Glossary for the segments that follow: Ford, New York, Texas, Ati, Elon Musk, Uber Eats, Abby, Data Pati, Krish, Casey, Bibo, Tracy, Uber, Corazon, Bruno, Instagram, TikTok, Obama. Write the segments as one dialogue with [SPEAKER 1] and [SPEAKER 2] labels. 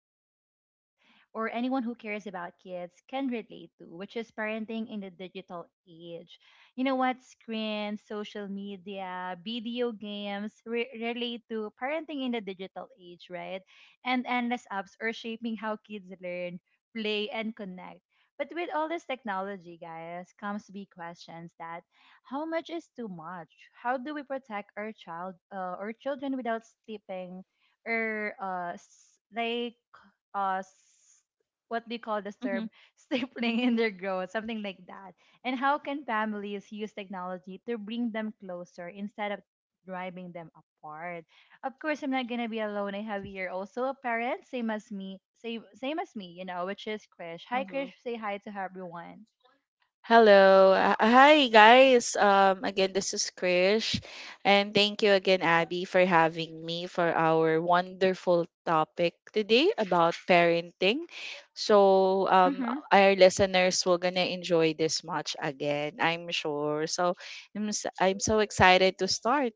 [SPEAKER 1] every parent or anyone who cares about kids can relate to, which is parenting in the digital age. You know what? Screens, social media, video games relate to parenting in the digital age, right? And endless apps are shaping how kids learn, play, and connect, but with all this technology, guys, comes big questions that how much is too much? How do we protect our child, or children without steeping or uh, s- what do you call this
[SPEAKER 2] Mm-hmm.
[SPEAKER 1] term? Stapling in their growth, something like that. And how can families use technology to bring them closer instead of driving them apart? Of course I'm not gonna be alone. I have here also a parent, same as me, same as me, you know, which is Krish. Hi
[SPEAKER 2] Mm-hmm.
[SPEAKER 1] Krish, say hi to everyone.
[SPEAKER 2] Hello. Hi, guys. Again, this is Krish. And thank you again, Abby, for having me for our wonderful topic today about parenting.
[SPEAKER 1] Mm-hmm.
[SPEAKER 2] Our listeners will gonna enjoy this much again, I'm sure. So, I'm so excited to start.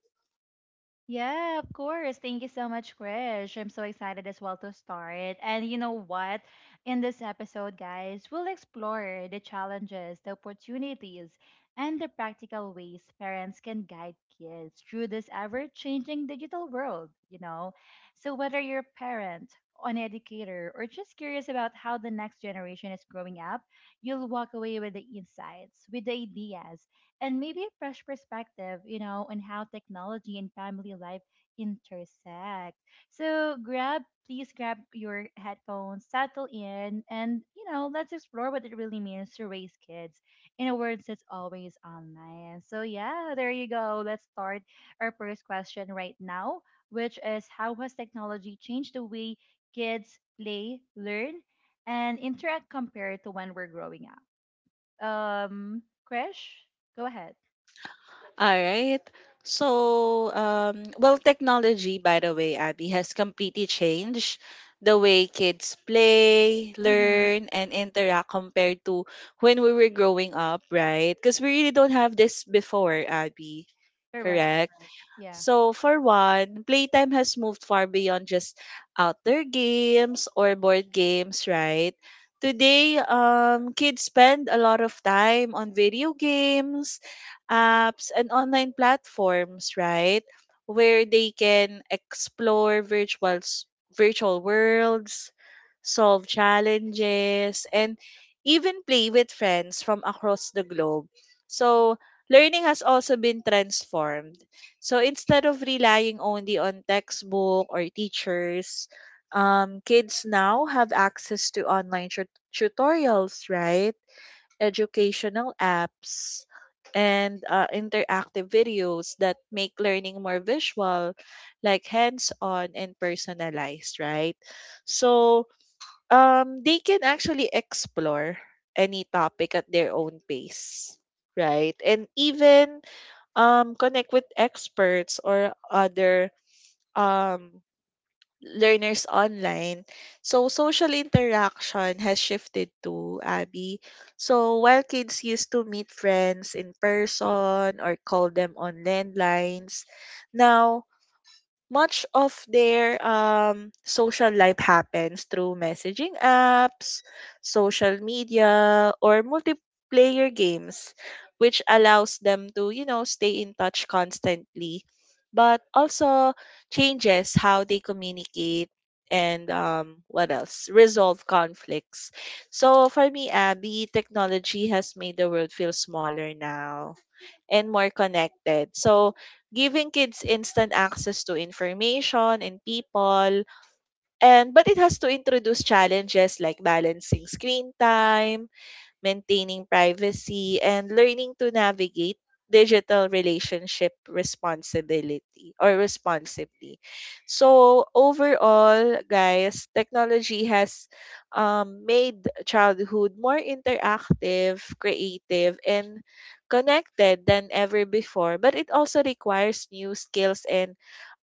[SPEAKER 1] Yeah, of course. Thank you so much, Krish. I'm so excited as well to start. And you know what? In this episode, guys, we'll explore the challenges, the opportunities, and the practical ways parents can guide kids through this ever changing digital world, you know? So, whether you're a parent, an educator, or just curious about how the next generation is growing up, you'll walk away with the insights, with the ideas, and maybe a fresh perspective, you know, on how technology and family life intersect. So grab, please grab your headphones, settle in, and you know, let's explore what it really means to raise kids in a world that's always online. So yeah, there you go. Let's start our first question right now, which is how has technology changed the way kids play, learn, and interact compared to when we're growing up? Um, Krish, go ahead.
[SPEAKER 2] All right. Well, technology, by the way, Abby, has completely changed the way kids play,
[SPEAKER 1] Mm-hmm.
[SPEAKER 2] learn, and interact compared to when we were growing up, right? Because we really don't have this before, Abby.
[SPEAKER 1] Correct.
[SPEAKER 2] Correct?
[SPEAKER 1] Yeah.
[SPEAKER 2] So, for one, playtime has moved far beyond just outdoor games or board games, right? Today, kids spend a lot of time on video games, apps, and online platforms, right? Where they can explore virtual worlds, solve challenges, and even play with friends from across the globe. So, learning has also been transformed so instead of relying only on textbook or teachers, kids now have access to online tutorials, right? Educational apps and interactive videos that make learning more visual, like hands-on and personalized, right? So they can actually explore any topic at their own pace, right? And even connect with experts or other um, learners online. So social interaction has shifted to Abby. So while kids used to meet friends in person or call them on landlines, now much of their social life happens through messaging apps, social media, or multiplayer games, which allows them to, you know, stay in touch constantly, but also changes how they communicate and what else? Resolve conflicts. So for me, Abby, technology has made the world feel smaller now and more connected. So, giving kids instant access to information and people and but it has to introduce challenges like balancing screen time maintaining privacy, and learning to navigate digital relationship responsibility or responsibly. So overall, guys, technology has made childhood more interactive, creative, and connected than ever before. But it also requires new skills and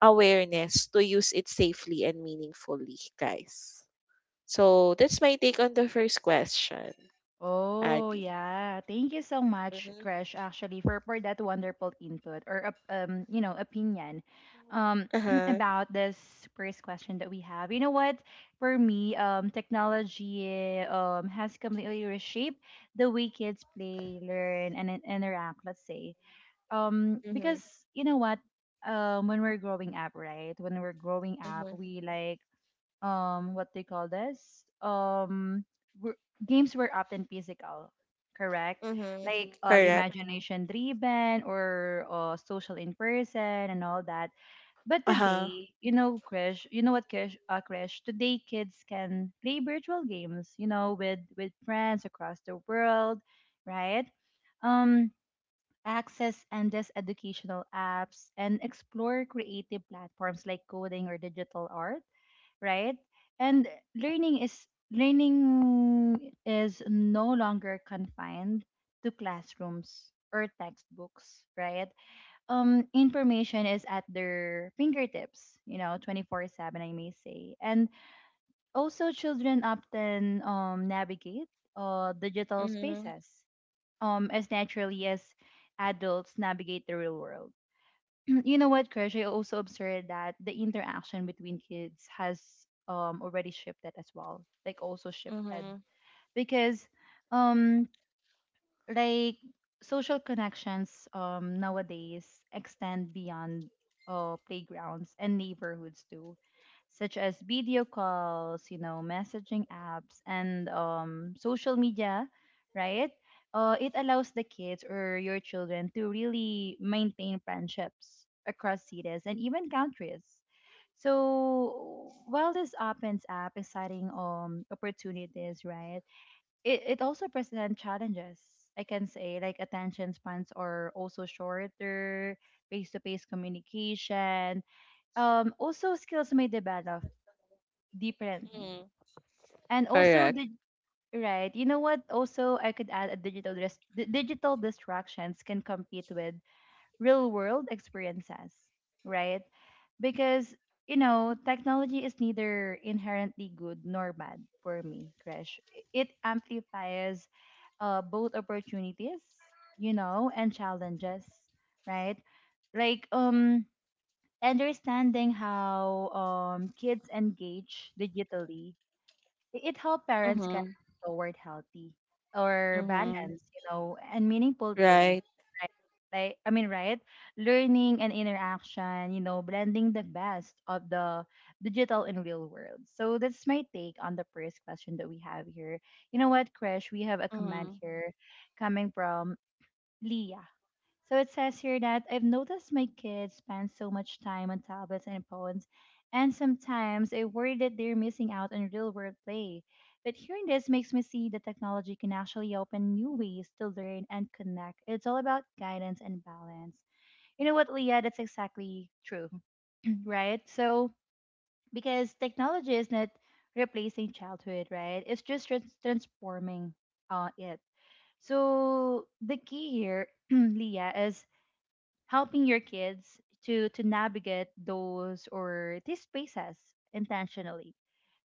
[SPEAKER 2] awareness to use it safely and meaningfully, guys. So that's my take on the first question,
[SPEAKER 1] Oh,
[SPEAKER 2] Abby.
[SPEAKER 1] yeah. Thank you so much,
[SPEAKER 2] Mhm.
[SPEAKER 1] Crash, actually, for that wonderful input or you know, opinion
[SPEAKER 2] Oh.
[SPEAKER 1] um
[SPEAKER 2] Uh-huh.
[SPEAKER 1] about this first question that we have. You know what? For me, technology has completely reshaped the way kids play, learn, and interact, let's say.
[SPEAKER 2] Mhm.
[SPEAKER 1] Because you know what? When we're growing up, right? When we're growing up,
[SPEAKER 2] Mhm.
[SPEAKER 1] we like what they call this were, games were often physical, correct,
[SPEAKER 2] Mhm.
[SPEAKER 1] like
[SPEAKER 2] Correct.
[SPEAKER 1] imagination driven or social in person and all that, but
[SPEAKER 2] Uh-huh.
[SPEAKER 1] today, you know, Krish, today kids can play virtual games, you know, with friends across the world, right? um access endless educational apps and explore creative platforms like coding or digital art, right? And learning is learning is no longer confined to classrooms or textbooks, right? Information is at their fingertips, you know, 24/7, I may say. And also, children often navigate digital
[SPEAKER 2] Mhm.
[SPEAKER 1] spaces as naturally as adults navigate the real world. You know what, Krish? I also observed that the interaction between kids has already shifted as well, like also shifted,
[SPEAKER 2] Mhm.
[SPEAKER 1] because um like social connections nowadays extend beyond playgrounds and neighborhoods too, such as video calls, you know, messaging apps, and social media, right? It allows the kids or your children to really maintain friendships across cities and even countries. So while this opens up exciting opportunities, right, it also presents challenges, I can say, like attention spans are also shorter, face-to-face communication, also skills may develop differently,
[SPEAKER 2] Mhm.
[SPEAKER 1] and also
[SPEAKER 2] Correct.
[SPEAKER 1] the, right, you know what, also I could add, a digital digital distractions can compete with real world experiences, right? Because, you know, technology is neither inherently good nor bad for me, Crash. It amplifies both opportunities, you know, and challenges, right? Like, understanding how kids engage digitally, it helped parents guide
[SPEAKER 2] Mhm.
[SPEAKER 1] toward healthy or
[SPEAKER 2] Mhm.
[SPEAKER 1] balance, you know, and meaningful play.
[SPEAKER 2] Right.
[SPEAKER 1] Right? Like I mean, right? Learning and interaction, you know, blending the best of the digital and real world. So that's my take on the first question that we have here. You know what, Krish? We have a comment
[SPEAKER 2] Mhm.
[SPEAKER 1] here coming from Leah. So it says here that I've noticed my kids spend so much time on tablets and phones, and sometimes I worry that they're missing out on real world play. But hearing this makes me see that technology can actually open new ways to learn and connect. It's all about guidance and balance. You know what, Leah? That's exactly true, right? So, because technology is not replacing childhood, right? It's just transforming it. So, the key here, Leah, is helping your kids to navigate those or these spaces intentionally,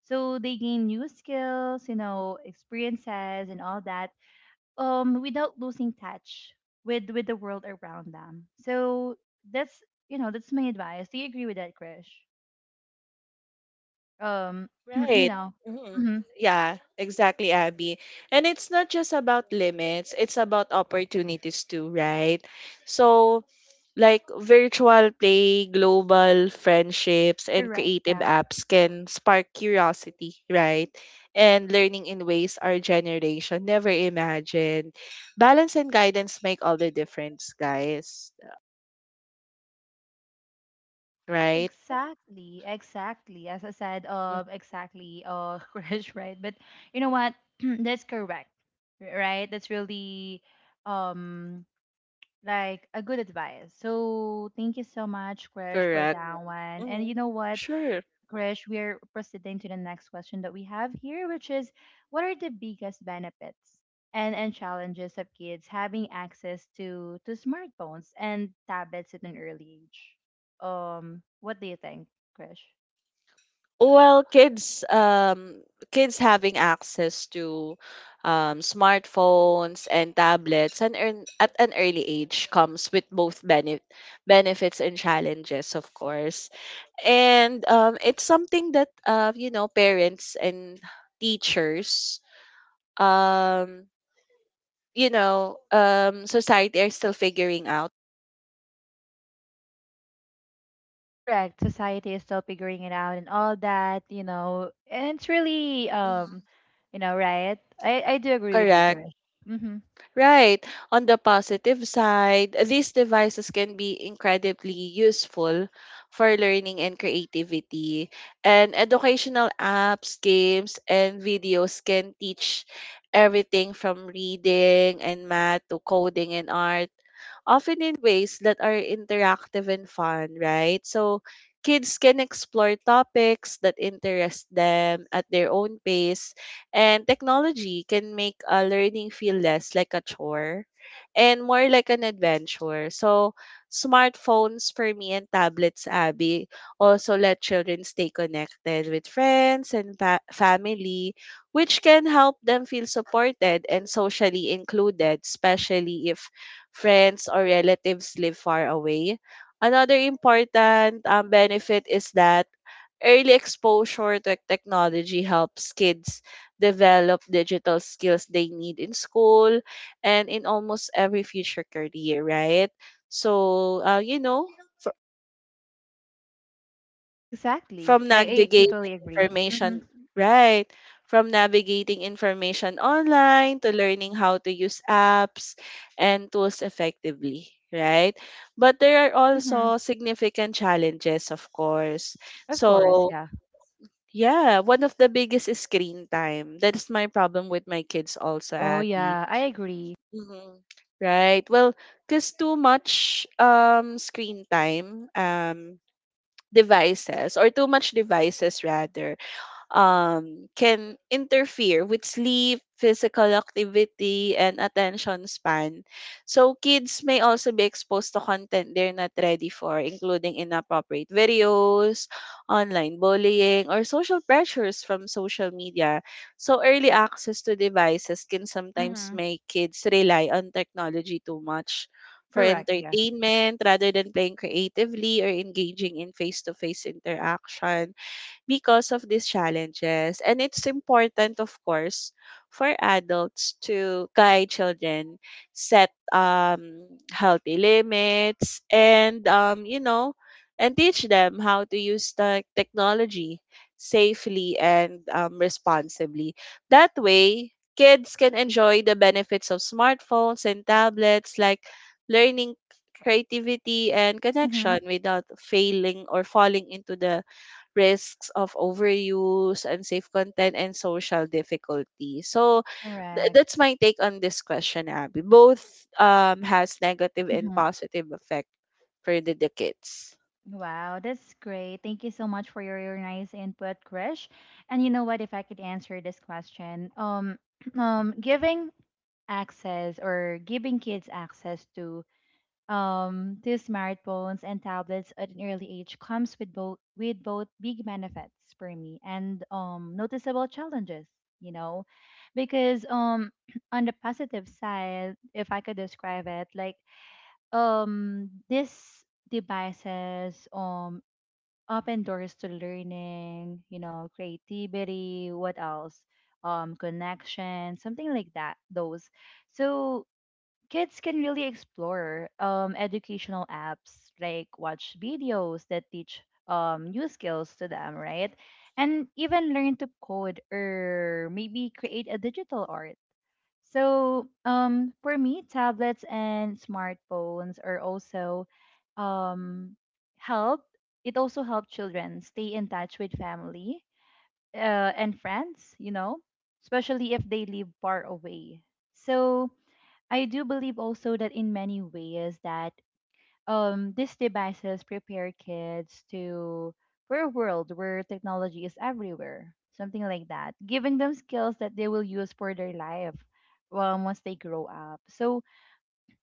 [SPEAKER 1] so they gain new skills, you know, experiences and all that, without losing touch with the world around them. So that's, you know, that's my advice. Do you agree with that, Krish? um you
[SPEAKER 2] Right.
[SPEAKER 1] know,
[SPEAKER 2] Mhm.
[SPEAKER 1] mm-hmm,
[SPEAKER 2] Yeah, exactly, Abby. And it's not just about limits, it's about opportunities too, right? So like virtual play, global friendships, and
[SPEAKER 1] correct,
[SPEAKER 2] creative
[SPEAKER 1] yeah.
[SPEAKER 2] apps can spark curiosity, right? And learning in ways our generation never imagined. Balance and guidance make all the difference, guys, right?
[SPEAKER 1] Exactly, exactly. As I said,
[SPEAKER 2] Mm.
[SPEAKER 1] exactly, Crush, right? But you know what? That's correct, right? That's really, um, like a good advice. So thank you so much, Crush, for
[SPEAKER 2] Correct.
[SPEAKER 1] that one. And you
[SPEAKER 2] Hmm.
[SPEAKER 1] know what?
[SPEAKER 2] Sure.
[SPEAKER 1] Krish, we are proceeding to the next question that we have here, which is what are the biggest benefits and challenges of kids having access to smartphones and tablets at an early age? What do you think, Krish?
[SPEAKER 2] Well, kids, kids having access to smartphones and tablets and earn, at an early age comes with both benefits and challenges, of course. And it's something that you know parents and teachers, um, you know, society are still figuring out.
[SPEAKER 1] Correct. Society is still figuring it out and all that, you know. And it's really
[SPEAKER 2] Mhm.
[SPEAKER 1] you know, right? I do agree with you,
[SPEAKER 2] Correct.
[SPEAKER 1] Krish. Mm-hmm.
[SPEAKER 2] Right. On the positive side, these devices can be incredibly useful for learning and creativity. And educational apps, games, and videos can teach everything from reading and math to coding and art often in ways that are interactive and fun, right? So kids can explore topics that interest them at their own pace, and technology can make learning feel less like a chore and more like an adventure. So smartphones for me and tablets, Abby, also let children stay connected with friends and family, which can help them feel supported and socially included, especially if friends or relatives live far away. Another important benefit is that early exposure to technology helps kids develop digital skills they need in school and in almost every future career, right? So, you know,
[SPEAKER 1] Exactly.
[SPEAKER 2] from
[SPEAKER 1] I
[SPEAKER 2] navigating
[SPEAKER 1] totally agree. Mm-hmm.
[SPEAKER 2] information, right? From navigating information online to learning how to use apps and tools effectively, right? But there are
[SPEAKER 1] Mm-hmm.
[SPEAKER 2] also significant challenges, of course.
[SPEAKER 1] Of course,
[SPEAKER 2] So,
[SPEAKER 1] yeah.
[SPEAKER 2] yeah, one of the biggest is screen time. That's my problem with my kids also,
[SPEAKER 1] Oh
[SPEAKER 2] Abby.
[SPEAKER 1] yeah, I agree.
[SPEAKER 2] Mhm. Right. Well, because too much screen time devices or too much devices rather can interfere with sleep, physical activity, and attention span. So, kids may also be exposed to content they're not ready for, including inappropriate videos, online bullying, or social pressures from social media. So, early access to devices can sometimes
[SPEAKER 1] Mhm.
[SPEAKER 2] make kids rely on technology too much for
[SPEAKER 1] Correct, yeah.
[SPEAKER 2] entertainment rather than playing creatively or engaging in face to face interaction because of these challenges. And it's important, of course, for adults to guide children, set healthy limits, and, you know, and teach them how to use the technology safely and responsibly. That way, kids can enjoy the benefits of smartphones and tablets like learning creativity and
[SPEAKER 1] Mm-hmm.
[SPEAKER 2] connection without failing or falling into the risks of overuse, unsafe content, and social difficulty. So
[SPEAKER 1] Correct.
[SPEAKER 2] that's my take on this question, Abby. Both has negative and
[SPEAKER 1] Mhm.
[SPEAKER 2] positive effect for the kids.
[SPEAKER 1] Wow, that's great. Thank you so much for your nice input, Krish. And you know what, if I could answer this question, giving access or giving kids access to smartphones and tablets at an early age comes with both big benefits for me and noticeable challenges, you know, because on the positive side, if I could describe it, like these devices open doors to learning, you know, creativity, what else, connection, something like that, those. So kids can really explore educational apps, like watch videos that teach new skills to them, right? And even learn to code, or maybe create a digital art. So, for me, tablets and smartphones are also um, help. It also help children stay in touch with family and friends, you know, especially if they live far away. So, I do believe also that in many ways that these devices prepare kids to for a world where technology is everywhere, something like that, giving them skills that they will use for their life once they grow up. So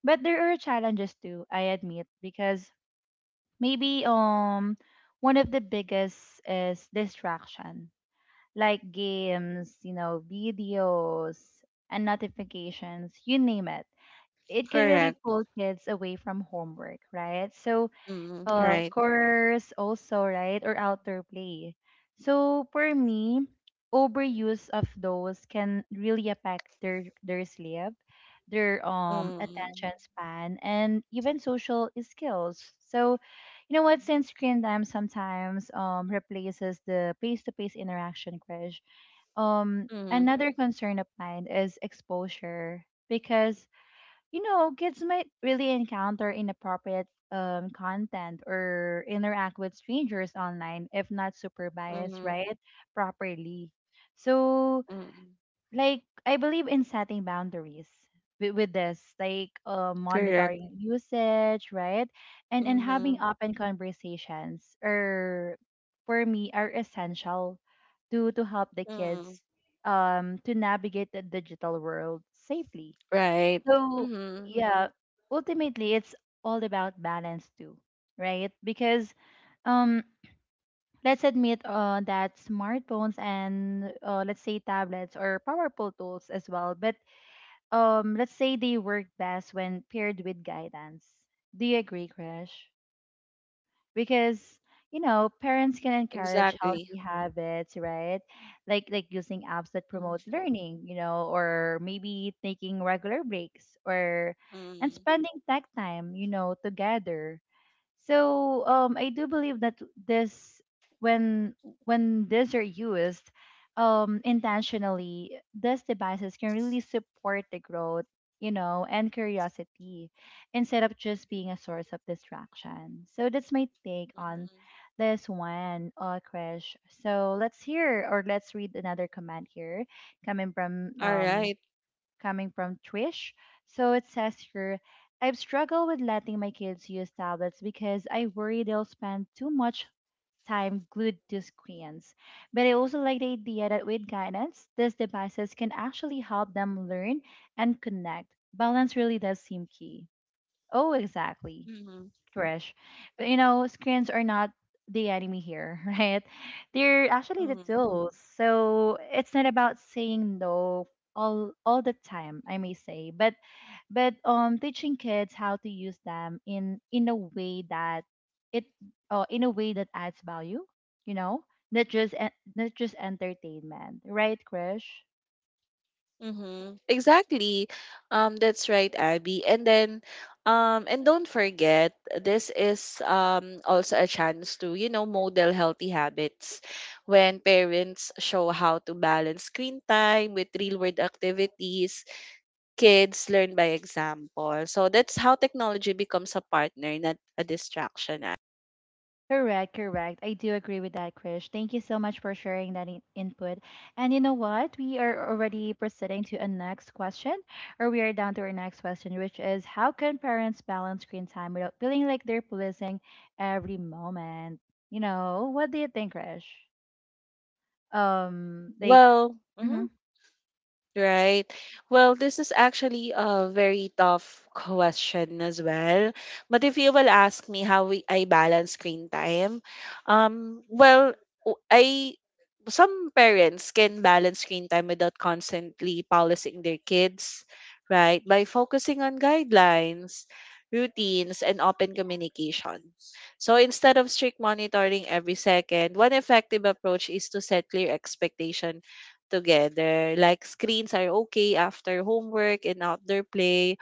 [SPEAKER 1] but there are challenges too, I admit, because maybe one of the biggest is distraction, like games, you know, videos and notifications, you name it, it can really
[SPEAKER 2] Correct.
[SPEAKER 1] pull kids away from homework, right? So
[SPEAKER 2] Mm. Right.
[SPEAKER 1] course also, right? Or outdoor play. So for me, overuse of those can really affect their sleep, their
[SPEAKER 2] Mm.
[SPEAKER 1] attention span, and even social skills. So you know what? Since screen time sometimes replaces the face-to-face interaction, Crash.
[SPEAKER 2] Mm.
[SPEAKER 1] Another concern of mine is exposure, because you know, kids might really encounter inappropriate content, or interact with strangers online if not supervised,
[SPEAKER 2] Mm.
[SPEAKER 1] right? Properly. So,
[SPEAKER 2] Mm.
[SPEAKER 1] like, I believe in setting boundaries with this, like
[SPEAKER 2] Correct.
[SPEAKER 1] monitoring usage, right? And having
[SPEAKER 2] Mm.
[SPEAKER 1] open conversations are, for me, are essential to help the
[SPEAKER 2] Mm.
[SPEAKER 1] kids to navigate the digital world safely.
[SPEAKER 2] Right.
[SPEAKER 1] So,
[SPEAKER 2] Mm,
[SPEAKER 1] yeah, ultimately it's all about balance too, right? Because um let's admit that smartphones and let's say tablets or powerful tools as well, but let's say they work best when paired with guidance. Do you agree, Krish? Because you know parents can encourage
[SPEAKER 2] exactly.
[SPEAKER 1] healthy habits, right? Like using apps that
[SPEAKER 2] Mm.
[SPEAKER 1] promote learning, you know, or maybe taking regular breaks, or and
[SPEAKER 2] Mm.
[SPEAKER 1] spending tech time, you know, together. So I do believe that this when when these are used intentionally, these devices can really support the growth, you know, and curiosity, instead of just being a source of distraction. So that's my take
[SPEAKER 2] Mm.
[SPEAKER 1] on this one, Krish. So let's hear, or let's read another comment here coming from
[SPEAKER 2] All
[SPEAKER 1] um,
[SPEAKER 2] right.
[SPEAKER 1] coming from Trish. So it says here, I've struggled with letting my kids use tablets because I worry they'll spend too much time glued to screens. But I also like the idea that with guidance, these devices can actually help them learn and connect. Balance really does seem key. Oh, exactly.
[SPEAKER 2] Mm.
[SPEAKER 1] Fresh. But you know, screens are not the enemy here, right? They're actually the
[SPEAKER 2] Mm.
[SPEAKER 1] tools. So it's not about saying no all the time, I may say, but teaching kids how to use them in a way that it in a way that adds value, you know, not just entertainment, right, Krish?
[SPEAKER 2] Mm-hmm. Exactly. That's right, Abby. And then, and don't forget, this is also a chance to, you know, model healthy habits when parents show how to balance screen time with real world activities. Kids learn by example. So that's how technology becomes a partner, not a distraction.
[SPEAKER 1] Correct, correct. I do agree with that, Krish. Thank you so much for sharing that input. And you know what? We are already proceeding to a next question, or we are down to our next question, which is how can parents balance screen time without feeling like they're policing every moment? You know, what do you think, Krish? Like,
[SPEAKER 2] Well,
[SPEAKER 1] mm-hmm,
[SPEAKER 2] mhm. Right. Well, this is actually a very tough question as well. But if you will ask me how I balance screen time, well, I some parents can balance screen time without constantly policing their kids, right? By focusing on guidelines, routines, and open communication. So instead of strict monitoring every second, one effective approach is to set clear expectations together. Like screens are okay after homework and outdoor play,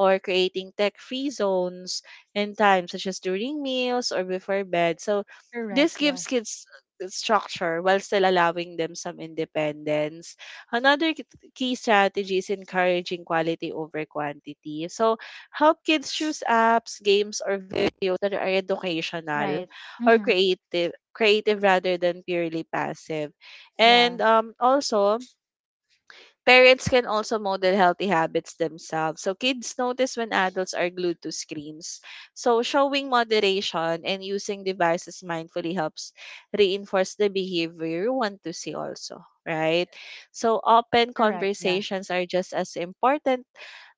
[SPEAKER 2] or creating tech free zones and time, such as during meals or before bed. So, this
[SPEAKER 1] correct, yeah,
[SPEAKER 2] gives kids structure while still allowing them some independence. Another key strategy is encouraging quality over quantity. So, help kids choose apps, games, or videos that are educational
[SPEAKER 1] right,
[SPEAKER 2] or
[SPEAKER 1] mm-hmm,
[SPEAKER 2] creative rather than purely passive
[SPEAKER 1] yeah,
[SPEAKER 2] and also, parents can also model healthy habits themselves. So kids notice when adults are glued to screens. So showing moderation and using devices mindfully helps reinforce the behavior you want to see also, right? So open
[SPEAKER 1] correct, yeah,
[SPEAKER 2] conversations are just as important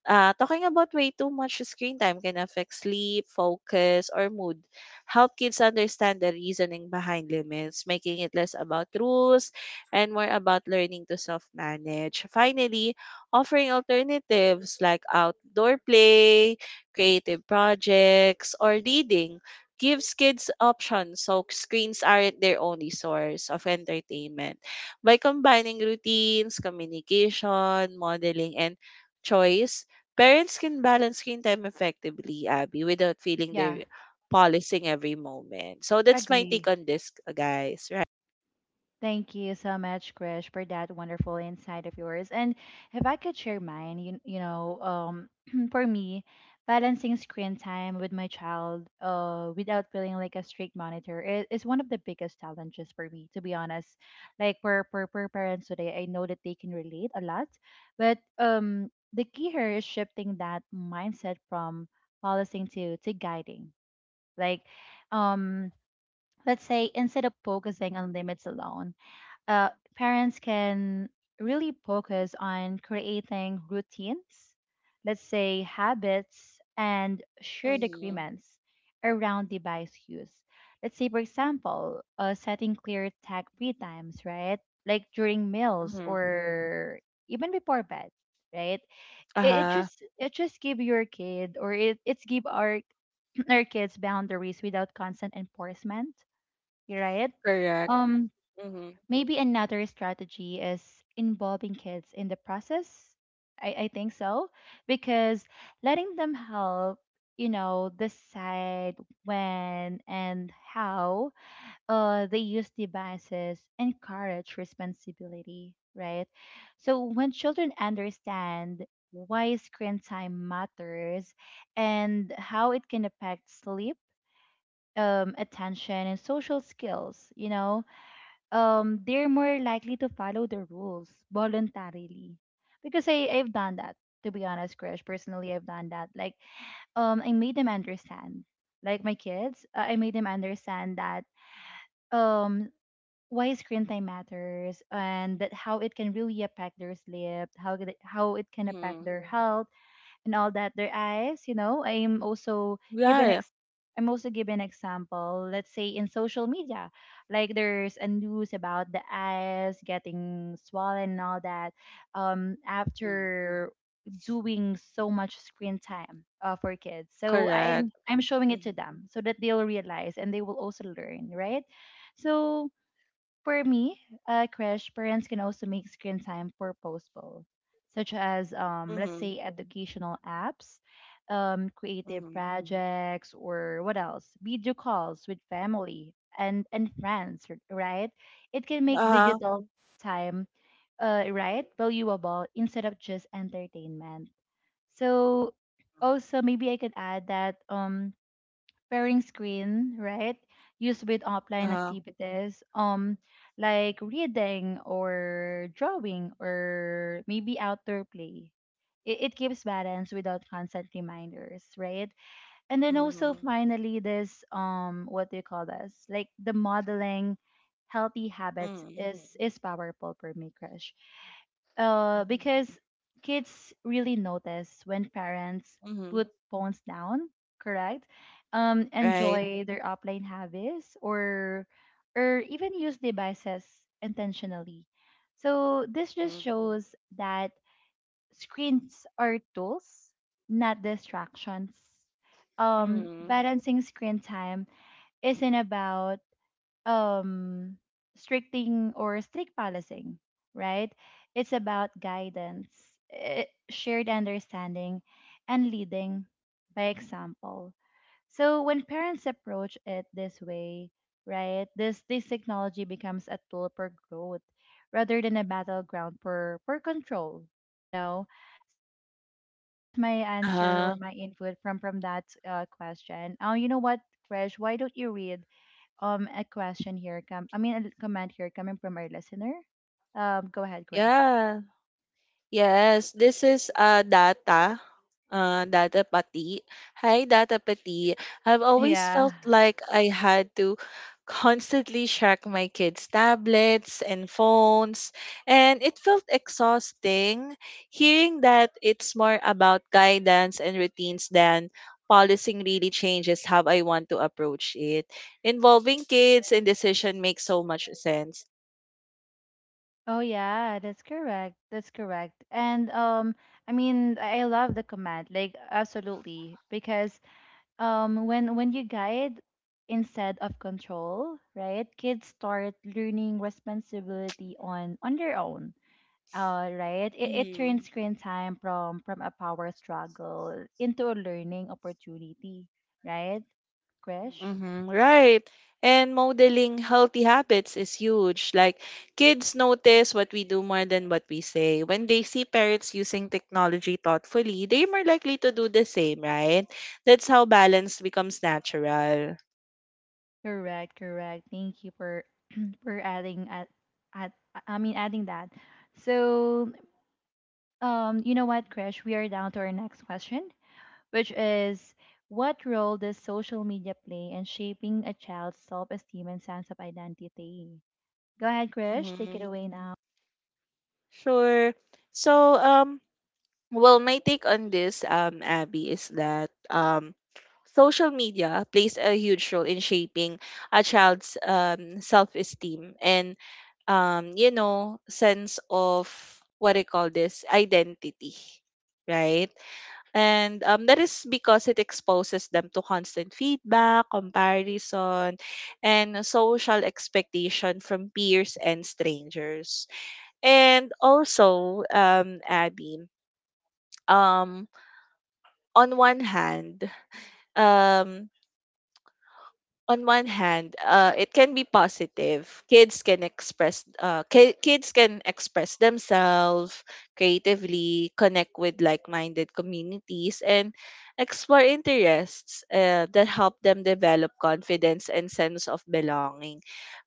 [SPEAKER 2] talking about way too much screen time can affect sleep, focus, or mood. Help kids understand the reasoning behind limits, making it less about rules and more about learning to self manage. Finally, offering alternatives like outdoor play, creative projects, or reading gives kids options so screens aren't their only source of entertainment. By combining routines, communication, modeling, and choice, parents can balance screen time effectively, Abby, without feeling
[SPEAKER 1] yeah,
[SPEAKER 2] they're policing every moment. So that's my take
[SPEAKER 1] agree.
[SPEAKER 2] on this, guys, right?
[SPEAKER 1] Thank you so much, Krish, for that wonderful insight of yours. And if I could share mine, for me, balancing screen time with my child without feeling like a strict monitor is one of the biggest challenges for me, to be honest. Like for, parents today, I know that they can relate a lot, but the key here is shifting that mindset from policing to guiding. Like, um, let's say instead of focusing on limits alone, uh, parents can really focus on creating routines, let's say habits and shared
[SPEAKER 2] Mm-hmm.
[SPEAKER 1] agreements around device use. Let's say, for example, setting clear tech free times, right? Like during meals or even before bed, right? It
[SPEAKER 2] Uh-huh,
[SPEAKER 1] just give your kid, or it's give our our kids boundaries without constant enforcement, right?
[SPEAKER 2] correct.
[SPEAKER 1] Um.
[SPEAKER 2] Mhm,
[SPEAKER 1] Maybe another strategy is involving kids in the process. I think so. Because letting them help, decide when and how they use devices encourage responsibility, right? So when children understand why screen time matters and how it can affect sleep, attention, and social skills, they're more likely to follow the rules voluntarily, because I've done that, to be honest, Krish. Personally, I've done that, like, I made them understand, like my kids, I made them understand that, um why screen time matters and that how it can really affect their sleep, how it can affect
[SPEAKER 2] mhm,
[SPEAKER 1] their health and all that, their eyes, I'm also given
[SPEAKER 2] yeah,
[SPEAKER 1] I'm also given example, let's say in social media, like there's a news about the eyes getting swollen and all that,
[SPEAKER 2] mhm,
[SPEAKER 1] after doing so much screen time, for kids, so
[SPEAKER 2] correct.
[SPEAKER 1] I'm showing it to
[SPEAKER 2] Mhm,
[SPEAKER 1] them so that they'll realize and they will also learn, right. So for me, Krish, parents can also make screen time purposeful, such as, let's
[SPEAKER 2] mhm,
[SPEAKER 1] say, educational apps, creative
[SPEAKER 2] mhm,
[SPEAKER 1] projects, or what else? Video calls with family and friends, right? It can make
[SPEAKER 2] uh-huh,
[SPEAKER 1] digital time, right, valuable instead of just entertainment. So, also, maybe I could add that, pairing screen, right? Used with offline
[SPEAKER 2] uh-huh,
[SPEAKER 1] activities, like reading or drawing or maybe outdoor play. It keeps balance without constant reminders, right? And then also
[SPEAKER 2] mhm,
[SPEAKER 1] finally, this, what do you call this, like the modeling healthy habits
[SPEAKER 2] mhm,
[SPEAKER 1] is powerful for me, Krish,
[SPEAKER 2] mhm,
[SPEAKER 1] because kids really notice when parents
[SPEAKER 2] mhm,
[SPEAKER 1] put phones down. Correct.
[SPEAKER 2] right.
[SPEAKER 1] Enjoy their offline habits, or even use devices intentionally. So this just
[SPEAKER 2] Mhm,
[SPEAKER 1] shows that screens are tools, not distractions.
[SPEAKER 2] mhm.
[SPEAKER 1] Balancing screen time isn't about, um, strict policing, right? It's about guidance, shared understanding, and leading by example. So when parents approach it this way, right, this technology becomes a tool for growth rather than a battleground for control, you know. So that, that's my answer, or
[SPEAKER 2] Uh-huh,
[SPEAKER 1] my input from that, question. Oh, you know what, Krish, why don't you read, a question here? I mean, a comment here coming from our listener. Go ahead, Krish.
[SPEAKER 2] yeah. Yes, this is Data, Data Pati. Hi, Data Pati. I've always
[SPEAKER 1] Yeah.
[SPEAKER 2] felt like I had to constantly check my kids' tablets and phones, and it felt exhausting hearing that it's more about guidance and routines than policing really changes how I want to approach it. Involving kids in decision makes so much sense.
[SPEAKER 1] Oh yeah, that's correct. That's correct. And, I mean, I love the command, like absolutely. Because, when you guide instead of control, right, kids start learning responsibility on their own. Right. It turns
[SPEAKER 2] Mhm.
[SPEAKER 1] screen time from a power struggle into a learning opportunity, right, Krish?
[SPEAKER 2] Mm-hmm, right. And modeling healthy habits is huge. Like kids notice what we do more than what we say. When they see parents using technology thoughtfully, they're more likely to do the same, right? That's how balance becomes natural.
[SPEAKER 1] Correct, correct. Thank you for for adding at I mean adding that. So, you know what, Krish, we are down to our next question, which is what role does social media play in shaping a child's self-esteem and sense of identity? Go ahead, Krish, take it
[SPEAKER 2] Mm-hmm.
[SPEAKER 1] away now.
[SPEAKER 2] Sure. So, um, well, my take on this, Abby, is that social media plays a huge role in shaping a child's self-esteem and you know, sense of what do you call this identity, right? And that is because it exposes them to constant feedback, comparison, and social expectation from peers and strangers. And also, Abby, um, on one hand, um, on one hand, it can be positive. Kids can express, kids can express themselves creatively, connect with like-minded communities, and explore interests that help them develop confidence and sense of belonging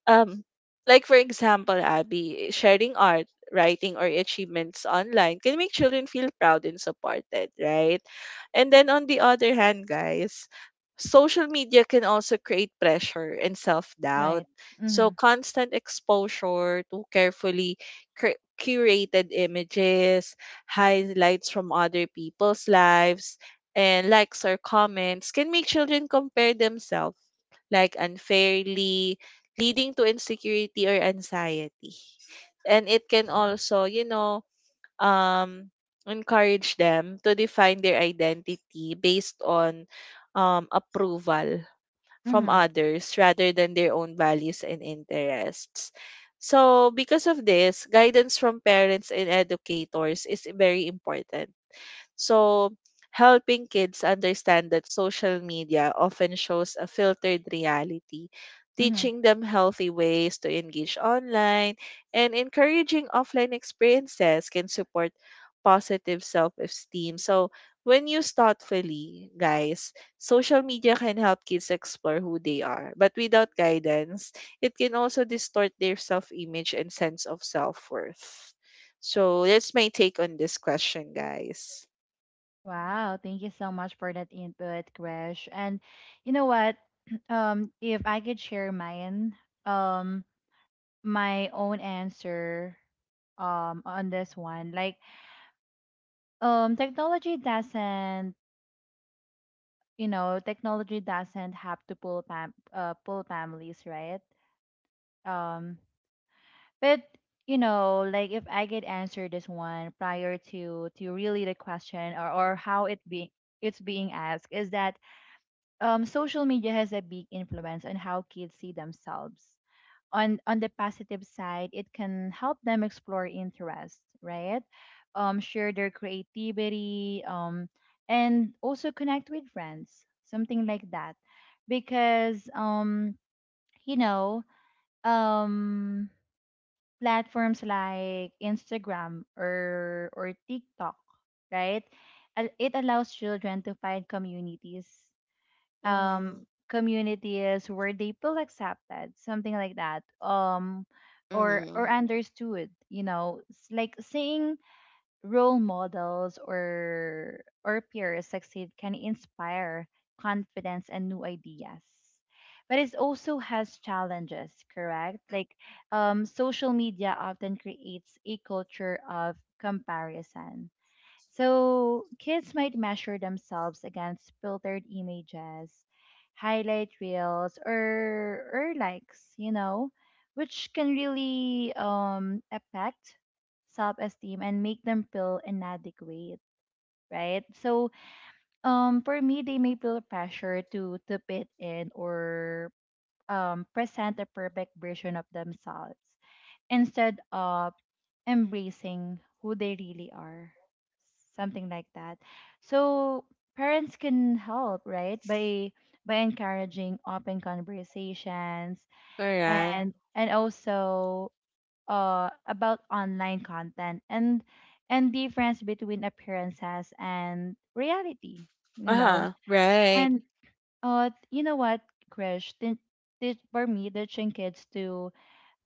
[SPEAKER 2] um like for example Abby sharing art writing or achievements online can make children feel proud and supported right and then on the other hand guys social media can also create pressure and self-doubt
[SPEAKER 1] Right.
[SPEAKER 2] so
[SPEAKER 1] Mhm.
[SPEAKER 2] constant exposure to carefully curated images highlights from other people's lives and likes or comments can make children compare themselves like unfairly, leading to insecurity or anxiety. And it can also, you know, um, encourage them to define their identity based on approval from
[SPEAKER 1] Mhm.
[SPEAKER 2] others rather than their own values and interests. So, because of this, guidance from parents and educators is very important so, helping kids understand that social media often shows a filtered reality,
[SPEAKER 1] Mhm.
[SPEAKER 2] teaching them healthy ways to engage online, and encouraging offline experiences can support positive self esteem. So, when used thoughtfully, guys, social media can help kids explore who they are, but without guidance, it can also distort their self image and sense of self worth. So that's my take on this question, guys.
[SPEAKER 1] Wow, thank you so much for that input, Krish. And you know what? If I could share mine, um my own answer, on this one, like technology doesn't, technology doesn't have to pull pull families, right, um but, like if I could answer this one prior to really, the question or how it be, it's being asked, is that, social media has a big influence on how kids see themselves. On the positive side, it can help them explore interest, right, share their creativity, and also connect with friends, something like that. Because, you know um platforms like Instagram or TikTok, right, it allows children to find communities,
[SPEAKER 2] Mhm.
[SPEAKER 1] communities where they feel accepted, something like that, or
[SPEAKER 2] Mhm.
[SPEAKER 1] understood. It's like seeing role models, or peers succeed can inspire confidence and new ideas. But it also has challenges, correct, like, social media often creates a culture of comparison, so kids might measure themselves against filtered images, highlight reels, or likes, which can really affect self-esteem and make them feel inadequate, right? So, for me, they may feel pressure to fit in, or present a perfect version of themselves instead of embracing who they really are, something like that. So parents can help, right, by encouraging open conversations,
[SPEAKER 2] Correct.
[SPEAKER 1] and also, about online content, and difference between appearances and reality, you know
[SPEAKER 2] Uh-huh. Right.
[SPEAKER 1] and, you know what, Krish, for me, teaching kids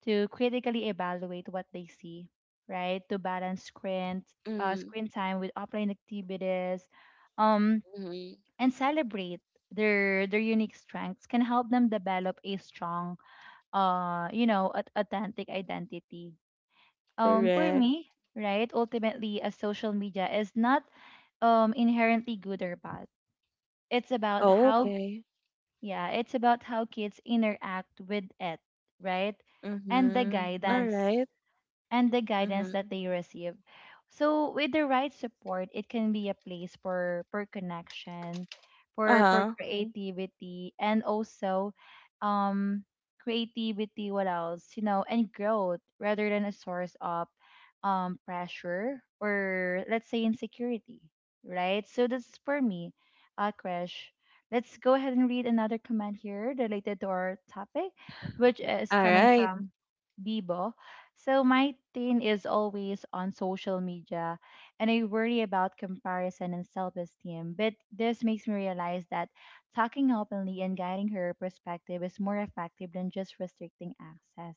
[SPEAKER 1] to critically evaluate what they see, right? To balance
[SPEAKER 2] Mhm.
[SPEAKER 1] screen time with offline activities, um,
[SPEAKER 2] Mhm.
[SPEAKER 1] and celebrate their unique strengths can help them develop a strong, authentic identity. For
[SPEAKER 2] Correct.
[SPEAKER 1] me, right? Ultimately, a social media is not, inherently good or bad. It's about
[SPEAKER 2] Oh,
[SPEAKER 1] how,
[SPEAKER 2] okay.
[SPEAKER 1] yeah, it's about how kids interact with it, right? And the
[SPEAKER 2] Mhm. All right.
[SPEAKER 1] guidance
[SPEAKER 2] Mhm.
[SPEAKER 1] that they receive. So with the right support, it can be a place for connection, for
[SPEAKER 2] Uh-huh.
[SPEAKER 1] Mm-hmm, creativity, and also, um, creativity. What else? You know, and growth rather than a source of, pressure or, let's say, insecurity, right? So that's for me, Crash. Let's go ahead and read another comment here related to our topic, which is
[SPEAKER 2] All
[SPEAKER 1] coming
[SPEAKER 2] right.
[SPEAKER 1] from Bibo. So my teen is always on social media and I worry about comparison and self-esteem. But this makes me realize that talking openly and guiding her perspective is more effective than just restricting access.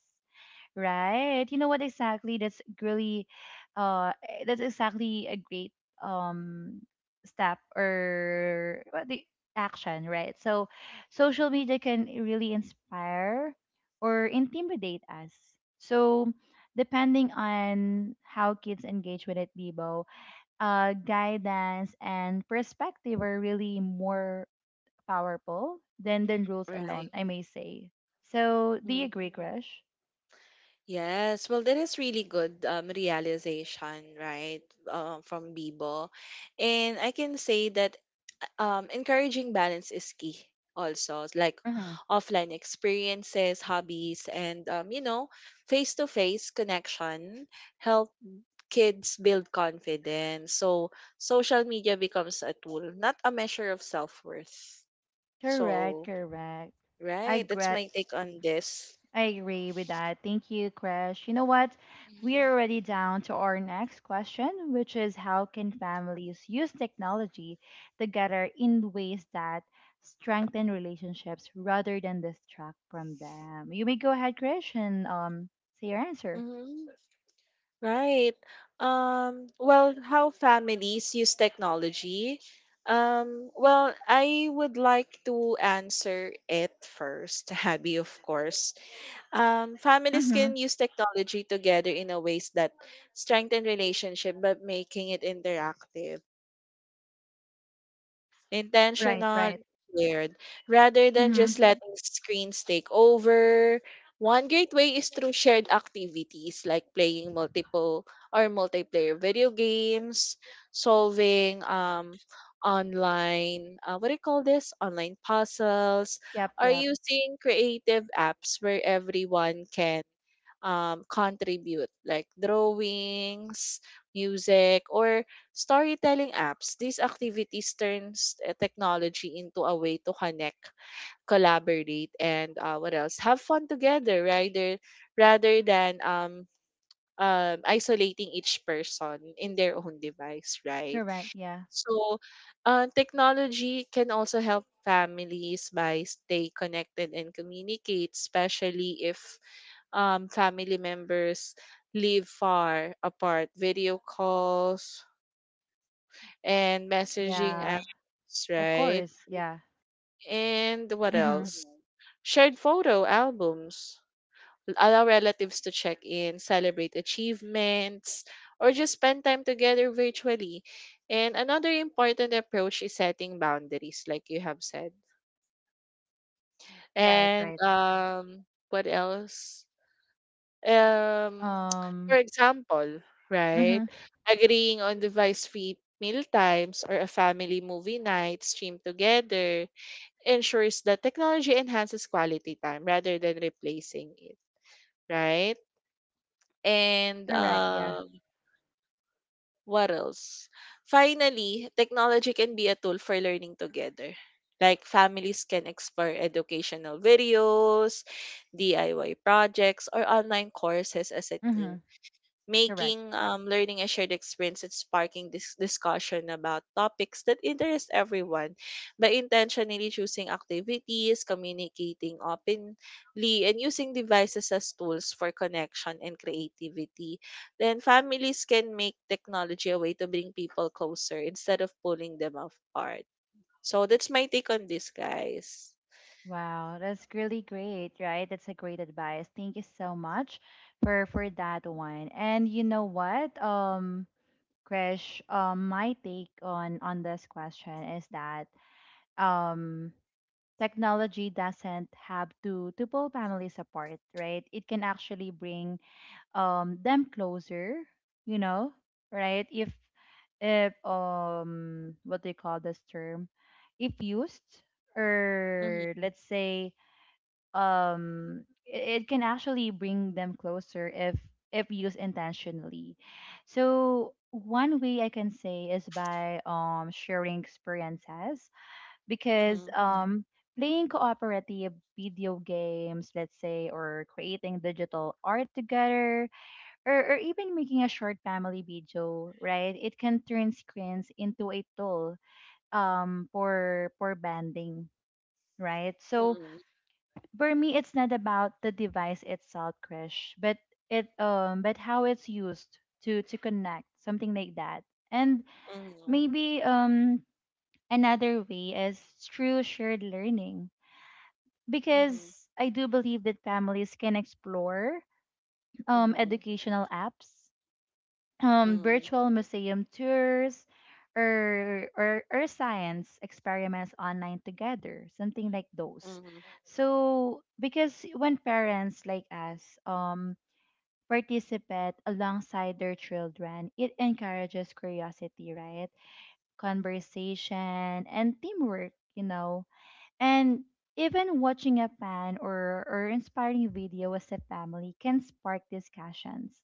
[SPEAKER 1] Right. You know what, exactly? That's exactly a great, um step, or what the action, right? So social media can really inspire or intimidate us. So, depending on how kids engage with it, Bibo, guidance and perspective are really more powerful than the rules
[SPEAKER 2] Right.
[SPEAKER 1] alone, I may say. So, do
[SPEAKER 2] Mhm.
[SPEAKER 1] you agree, Crush?
[SPEAKER 2] Yes, well, that is really good realization, right, from Bibo. And I can say that encouraging balance is key also, like offline experiences, hobbies, and, face-to-face connection help kids build confidence. So social media becomes a tool, not a measure of self-worth.
[SPEAKER 1] Correct,
[SPEAKER 2] So,
[SPEAKER 1] correct. I
[SPEAKER 2] right, that's
[SPEAKER 1] gra-
[SPEAKER 2] my take on this.
[SPEAKER 1] I agree with that. Thank you, Crash. You know what? We are already down to our next question, which is how can families use technology together in ways that strengthen relationships rather than distract from them? You may go ahead, Crash, and say your answer.
[SPEAKER 2] hmm Right. Well, how families use technology? Well, I would like to answer it first, Abby, of course. Families
[SPEAKER 1] Mm-hmm.
[SPEAKER 2] can use technology together in a ways that strengthen relationship, but making it interactive
[SPEAKER 1] Right,
[SPEAKER 2] intentional,
[SPEAKER 1] right.
[SPEAKER 2] shared, rather than just
[SPEAKER 1] Mm-hmm.
[SPEAKER 2] letting screens take over. One great way is through shared activities like playing multiple or multiplayer video games, solving online what do you call this online puzzles
[SPEAKER 1] Yep,
[SPEAKER 2] or
[SPEAKER 1] yep.
[SPEAKER 2] using creative apps where everyone can contribute, like drawings, music, or storytelling apps. These activities turns technology into a way to connect, collaborate, and what else? have fun together, rather than isolating each person in their own device, right?
[SPEAKER 1] Correct, yeah.
[SPEAKER 2] So, technology can also help families by stay connected and communicate, especially if family members live far apart. Video calls and messaging
[SPEAKER 1] Yeah.
[SPEAKER 2] apps,
[SPEAKER 1] Of
[SPEAKER 2] right?
[SPEAKER 1] course, yeah.
[SPEAKER 2] And what
[SPEAKER 1] Mm-hmm.
[SPEAKER 2] else? Shared photo albums. Allow relatives to check in, celebrate achievements, or just spend time together virtually. And another important approach is setting boundaries, like you have said.
[SPEAKER 1] Right,
[SPEAKER 2] And
[SPEAKER 1] right.
[SPEAKER 2] what else? Um, for
[SPEAKER 1] Um,
[SPEAKER 2] example, right?
[SPEAKER 1] mhm.
[SPEAKER 2] Agreeing on device-free meal times or a family movie night streamed together ensures that technology enhances quality time rather than replacing it, right? And
[SPEAKER 1] Correct. Yeah.
[SPEAKER 2] what else? finally, technology can be a tool for learning together. Like families can explore educational videos, DIY projects, or online courses as a
[SPEAKER 1] Mm-hmm.
[SPEAKER 2] team
[SPEAKER 1] Correct.
[SPEAKER 2] making learning a shared experience and sparking this discussion about topics that interest everyone. By intentionally choosing activities, communicating openly, and using devices as tools for connection and creativity, then families can make technology a way to bring people closer instead of pulling them apart. So that's my take on this, guys.
[SPEAKER 1] Wow, that's really great, right? That's a great advice. Thank you so much for that one. And you know what, Krish, my take on this question is that, um, technology doesn't have to pull families apart, right? It can actually bring, them closer, you know right, if what do you call this term, if used,
[SPEAKER 2] Mm-hmm.
[SPEAKER 1] or let's say, it can actually bring them closer if used intentionally. So one way I can say is by, sharing experiences, because,
[SPEAKER 2] Mm-hmm.
[SPEAKER 1] playing cooperative video games, let's say, or creating digital art together, or, even making a short family video, right? It can turn screens into a tool, for banding, right? So
[SPEAKER 2] Hmm.
[SPEAKER 1] for me, it's not about the device itself, crash, but it but how it's used to connect something like that. And
[SPEAKER 2] Hmm.
[SPEAKER 1] maybe another way is through shared learning, because I do believe that families can explore
[SPEAKER 2] Hmm.
[SPEAKER 1] educational apps,
[SPEAKER 2] Hmm.
[SPEAKER 1] virtual museum tours, or science experiments online together, something like those. So because when parents like us participate alongside their children, it encourages curiosity, right, conversation and teamwork, you know. And even watching a fan or inspiring video as a family can spark discussions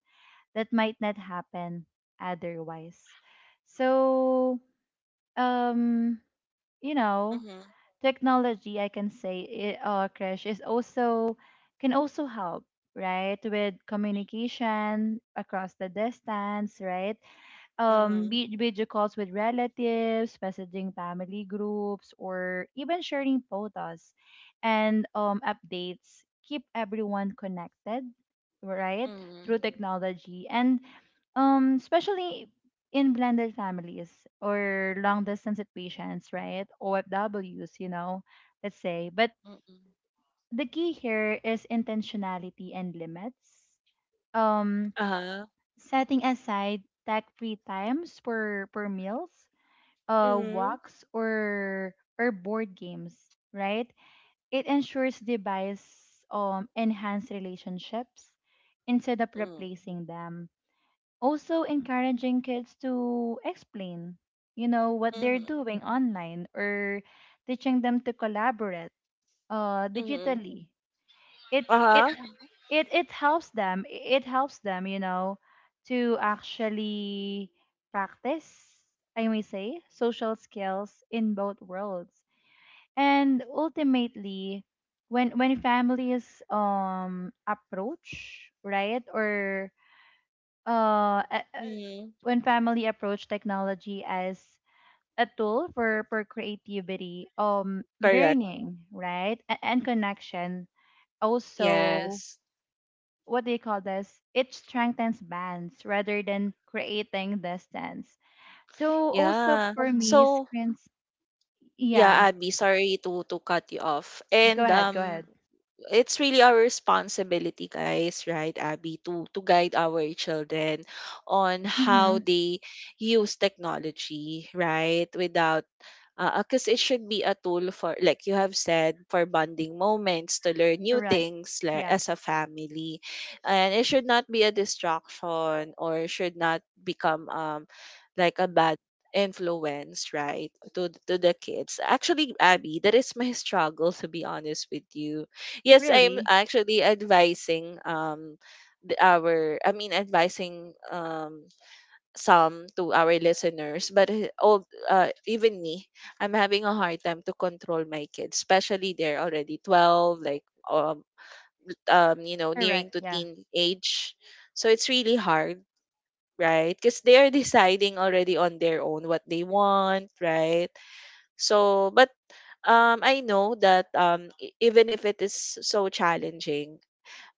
[SPEAKER 1] that might not happen otherwise. So, um, you know,
[SPEAKER 2] Hmm.
[SPEAKER 1] technology, I can say, Krish, is also can also help, right, with communication across the distance, right?
[SPEAKER 2] Hmm.
[SPEAKER 1] Video calls with relatives, messaging family groups, or even sharing photos and updates keep everyone connected, right?
[SPEAKER 2] Mm,
[SPEAKER 1] Through technology and, especially in blended families or long distance situations, right? OFWs, you know, let's say. But
[SPEAKER 2] mm.
[SPEAKER 1] the key here is intentionality and limits. Um,
[SPEAKER 2] Uh-huh.
[SPEAKER 1] Setting aside tech-free times for meals,
[SPEAKER 2] Mm-hmm.
[SPEAKER 1] walks or board games, right? It ensures device enhance relationships instead of
[SPEAKER 2] Mm,
[SPEAKER 1] replacing them. Also encouraging kids to explain, you know, what they're
[SPEAKER 2] mhm,
[SPEAKER 1] doing online, or teaching them to collaborate
[SPEAKER 2] mhm.
[SPEAKER 1] digitally, it it
[SPEAKER 2] Uh-huh.
[SPEAKER 1] it helps them, you know, to actually practice, I may say, social skills in both worlds. And ultimately, when families approach, right, or uh a- a-
[SPEAKER 2] Mhm.
[SPEAKER 1] when family approach technology as a tool for creativity,
[SPEAKER 2] Correct.
[SPEAKER 1] learning, right, and connection, also,
[SPEAKER 2] Yes.
[SPEAKER 1] what do you call this? It strengthens bands rather than creating distance. So also
[SPEAKER 2] Yeah.
[SPEAKER 1] for Mhm. me,
[SPEAKER 2] So,
[SPEAKER 1] screens.
[SPEAKER 2] yeah,
[SPEAKER 1] Yeah,
[SPEAKER 2] Abby, sorry to cut you off.
[SPEAKER 1] go
[SPEAKER 2] And
[SPEAKER 1] ahead, go ahead.
[SPEAKER 2] it's really our responsibility, guys, right, Abby, to guide our children on
[SPEAKER 1] Mm-hmm.
[SPEAKER 2] how they use technology, right? Without, because it should be a tool for, like you have said, for bonding moments to learn new
[SPEAKER 1] Correct.
[SPEAKER 2] things like
[SPEAKER 1] Yeah.
[SPEAKER 2] as a family, and it should not be a distraction or should not become like a bad influence, right? To the kids. Actually, Abby, that is my struggle, to be honest with you. Yes, I am
[SPEAKER 1] Really.
[SPEAKER 2] actually advising the, our, I mean advising some to our listeners, but all even me, I'm having a hard time to control my kids, especially they're already 12, like um you know, nearing
[SPEAKER 1] Correct.
[SPEAKER 2] to
[SPEAKER 1] Yeah.
[SPEAKER 2] teen age. So it's really hard, right? Because they are deciding already on their own what they want, right? So, but I know that even if it is so challenging,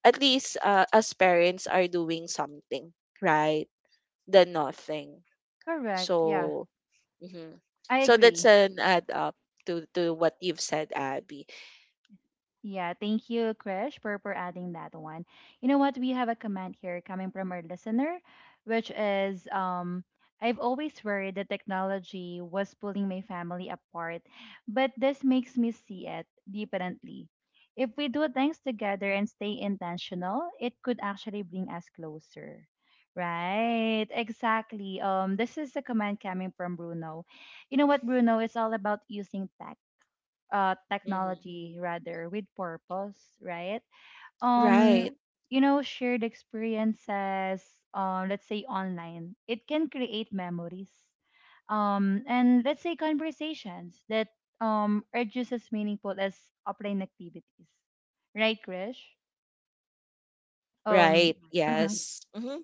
[SPEAKER 2] at least as parents are doing something right than nothing.
[SPEAKER 1] Correct. Yeah.
[SPEAKER 2] So mhm.
[SPEAKER 1] I
[SPEAKER 2] So that's
[SPEAKER 1] agree.
[SPEAKER 2] an add up to what you've said, Abby.
[SPEAKER 1] Yeah, thank you, Krish, for adding that one. You know what? We have a comment here coming from our listener, which is, I've always worried that technology was pulling my family apart, but this makes me see it differently. If we do things together and stay intentional, it could actually bring us closer. Right, exactly. This is a comment coming from Bruno. You know what, Bruno? It's all about using
[SPEAKER 2] Hmm.
[SPEAKER 1] technology rather with purpose, right?
[SPEAKER 2] Right,
[SPEAKER 1] Um, you know, shared experiences, let's say online, it can create memories. And let's say conversations that are just as meaningful as offline activities. Right, Krish? Um,
[SPEAKER 2] right.
[SPEAKER 1] mhm.
[SPEAKER 2] Yes. Hmm.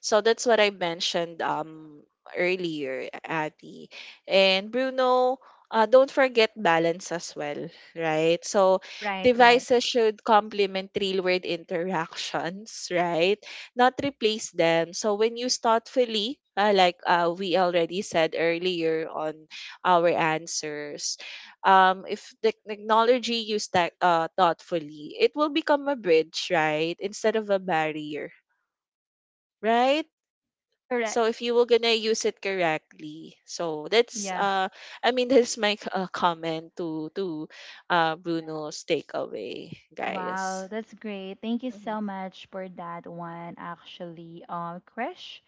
[SPEAKER 2] So that's what I mentioned earlier, Ati. And Bruno, don't forget balance as well, right? So
[SPEAKER 1] Right, right.
[SPEAKER 2] devices should complement real-world interactions, right? Not replace them. So when you thoughtfully, we already said earlier on our answers, if the technology used that thoughtfully, it will become a bridge, right? Instead of a barrier, right? So
[SPEAKER 1] Correct.
[SPEAKER 2] if you were gonna use it correctly, so that's
[SPEAKER 1] Yeah.
[SPEAKER 2] I mean that's my comment to Bruno's takeaway, guys.
[SPEAKER 1] Wow, that's great. Thank you
[SPEAKER 2] Hmm.
[SPEAKER 1] so much for that one, actually, Krish.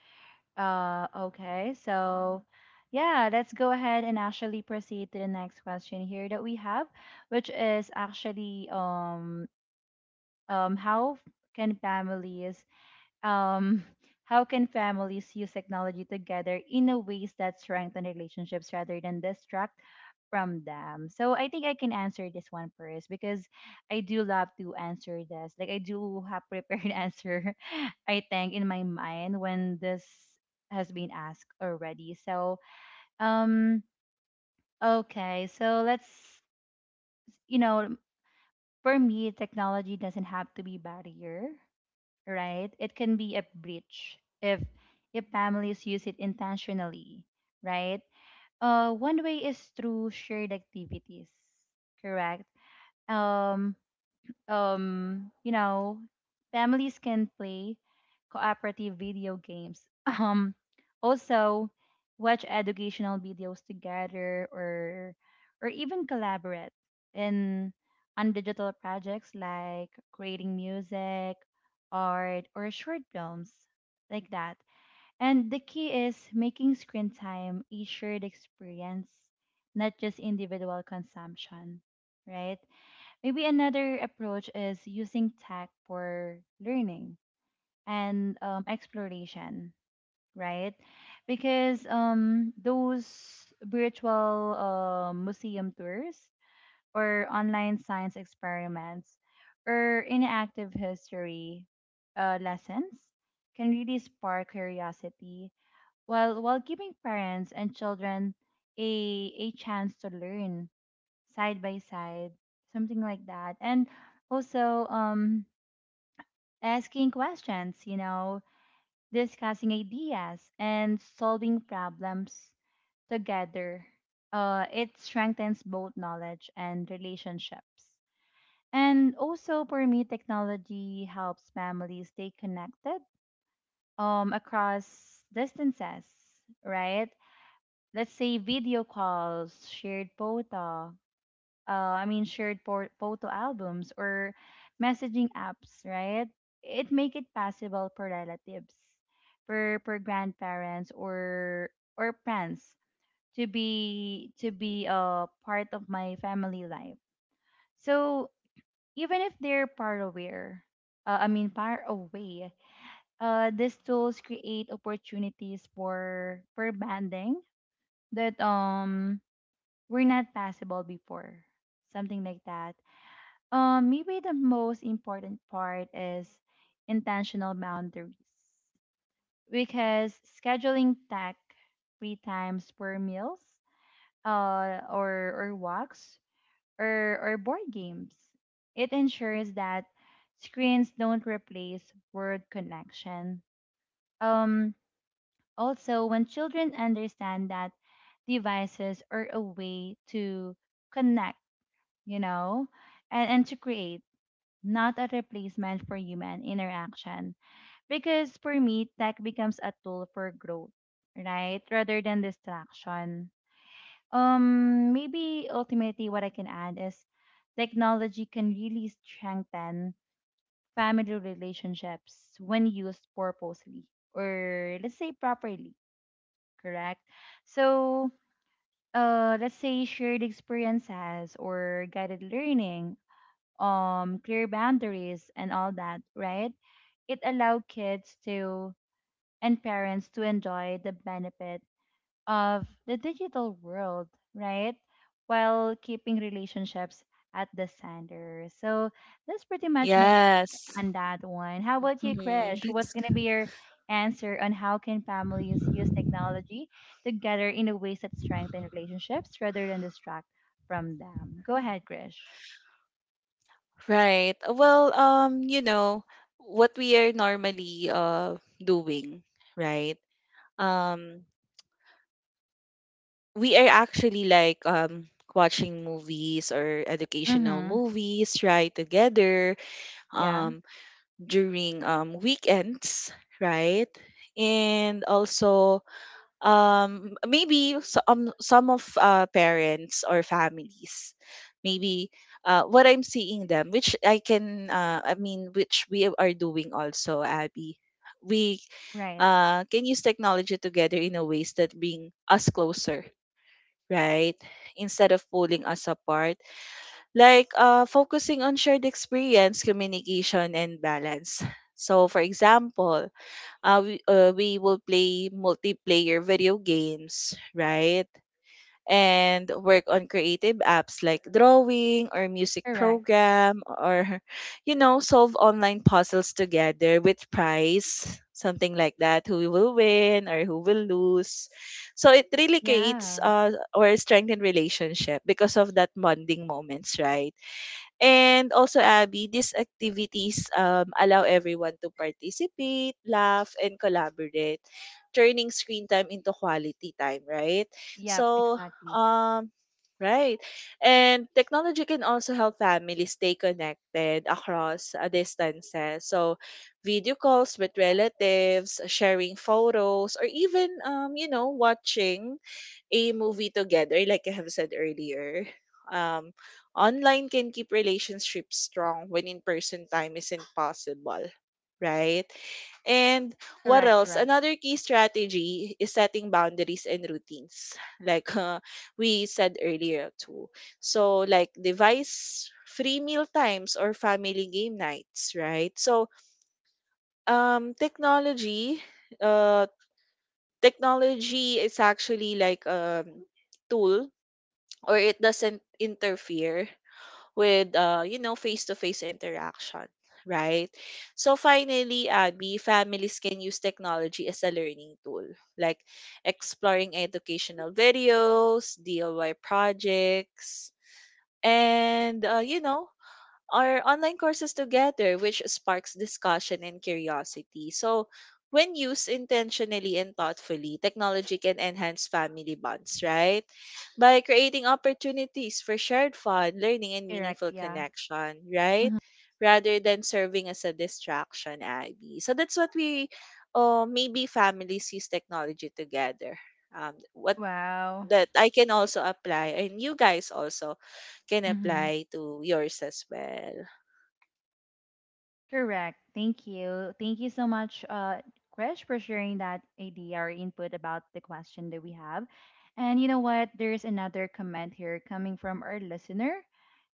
[SPEAKER 1] Okay. So, yeah, let's go ahead and actually proceed to the next question here that we have, which is actually um how f- can families um, how can families use technology together in a ways that strengthen relationships rather than distract from them? So I think I can answer this one first, because I do love to answer this. Like, I do have prepared answer, I think, in my mind when this has been asked already. So, um okay, so let's, you know, for me technology doesn't have to be barrier, right? It can be a breach if families use it intentionally, right? One way is through shared activities, correct? Um, you know, families can play cooperative video games. Also, watch educational videos together, or even collaborate in on digital projects like creating music, art, or short films like that. And the key is making screen time a shared experience, not just individual consumption, right? Maybe another approach is using tech for learning and, exploration, right? Because those virtual museum tours or online science experiments or interactive history lessons can really spark curiosity, while giving parents and children a chance to learn side by side, something like that. And also asking questions, you know, discussing ideas and solving problems together. Uh, it strengthens both knowledge and relationships. And also for me, technology helps families stay connected across distances, right? Let's say video calls, shared photo, I mean, shared photo albums, or messaging apps, right? It make it possible for relatives, for grandparents or friends to be a part of my family life. So even if they're far away, I mean far away, these tools create opportunities for bonding that were not possible before, something like that. Maybe the most important part is intentional boundaries, because scheduling tech three times per meals, or walks or board games. It ensures that screens don't replace word connection. Um, also, when children understand that devices are a way to connect, you know, and to create, not a replacement for human interaction. Because for me, tech becomes a tool for growth, right? Rather than distraction. Maybe ultimately what I can add is technology can really strengthen family relationships when used purposely, or let's say properly, correct? So, let's say shared experiences or guided learning, clear boundaries and all that, right? It allowed kids to and parents to enjoy the benefit of the digital world, right? While keeping relationships at the center. So that's pretty much my take
[SPEAKER 2] Yes,
[SPEAKER 1] on that one. How about you,
[SPEAKER 2] hmm
[SPEAKER 1] Krish?
[SPEAKER 2] that's
[SPEAKER 1] What's gonna
[SPEAKER 2] g-
[SPEAKER 1] be your answer on how can families use technology together in a ways that strengthen relationships rather than distract from them? Go ahead, Krish.
[SPEAKER 2] right. Well, you know what we are normally doing, right? Um, we are actually like watching movies or educational
[SPEAKER 1] Mm-hmm.
[SPEAKER 2] movies, right? Together,
[SPEAKER 1] Yeah.
[SPEAKER 2] um during weekends, right? And also, maybe some of parents or families, maybe what I'm seeing them, which I can, I mean, which we are doing also, Abby. We
[SPEAKER 1] Right.
[SPEAKER 2] uh, can use technology together in a ways that bring us closer, right? Instead of pulling us apart like focusing on shared experience, communication, and balance. So, for example, we will play multiplayer video games, right? And work on creative apps like drawing or music
[SPEAKER 1] Correct.
[SPEAKER 2] program, or you know, solve online puzzles together with prize, something like that, who will win or who will lose. So it really creates
[SPEAKER 1] Yeah.
[SPEAKER 2] or strengthened relationship because of that bonding moments, right? And also, Abby, these activities allow everyone to participate, laugh, and collaborate, turning screen time into quality time, right?
[SPEAKER 1] Yep,
[SPEAKER 2] So,
[SPEAKER 1] exactly.
[SPEAKER 2] um, right. And technology can also help families stay connected across distances. So, video calls with relatives, sharing photos, or even, watching a movie together, like I have said earlier. Um, online can keep relationships strong when in person time isn't possible, right? And what
[SPEAKER 1] Correct,
[SPEAKER 2] else?
[SPEAKER 1] correct.
[SPEAKER 2] Another key strategy is setting boundaries and routines, like we said earlier too. So, like device free meal times or family game nights, right? So, um, technology, uh, technology is actually like a tool, or it doesn't interfere with face-to-face interaction, right? So finally, Abby, families can use technology as a learning tool, like exploring educational videos, DIY projects, and or online courses together, which sparks discussion and curiosity. So, when used intentionally and thoughtfully, technology can enhance family bonds, right? By creating opportunities for shared fun, learning, and
[SPEAKER 1] Correct,
[SPEAKER 2] meaningful
[SPEAKER 1] yeah.
[SPEAKER 2] connection, right?
[SPEAKER 1] Hmm.
[SPEAKER 2] Rather than serving as a distraction, Abby. So that's what we, maybe families use technology together. What
[SPEAKER 1] Wow.
[SPEAKER 2] that I can also apply, and you guys also can
[SPEAKER 1] Hmm.
[SPEAKER 2] apply to yours as well.
[SPEAKER 1] Correct. Thank you. Thank you so much, Krish, for sharing that idea or input about the question that we have. And you know what? There's another comment here coming from our listener,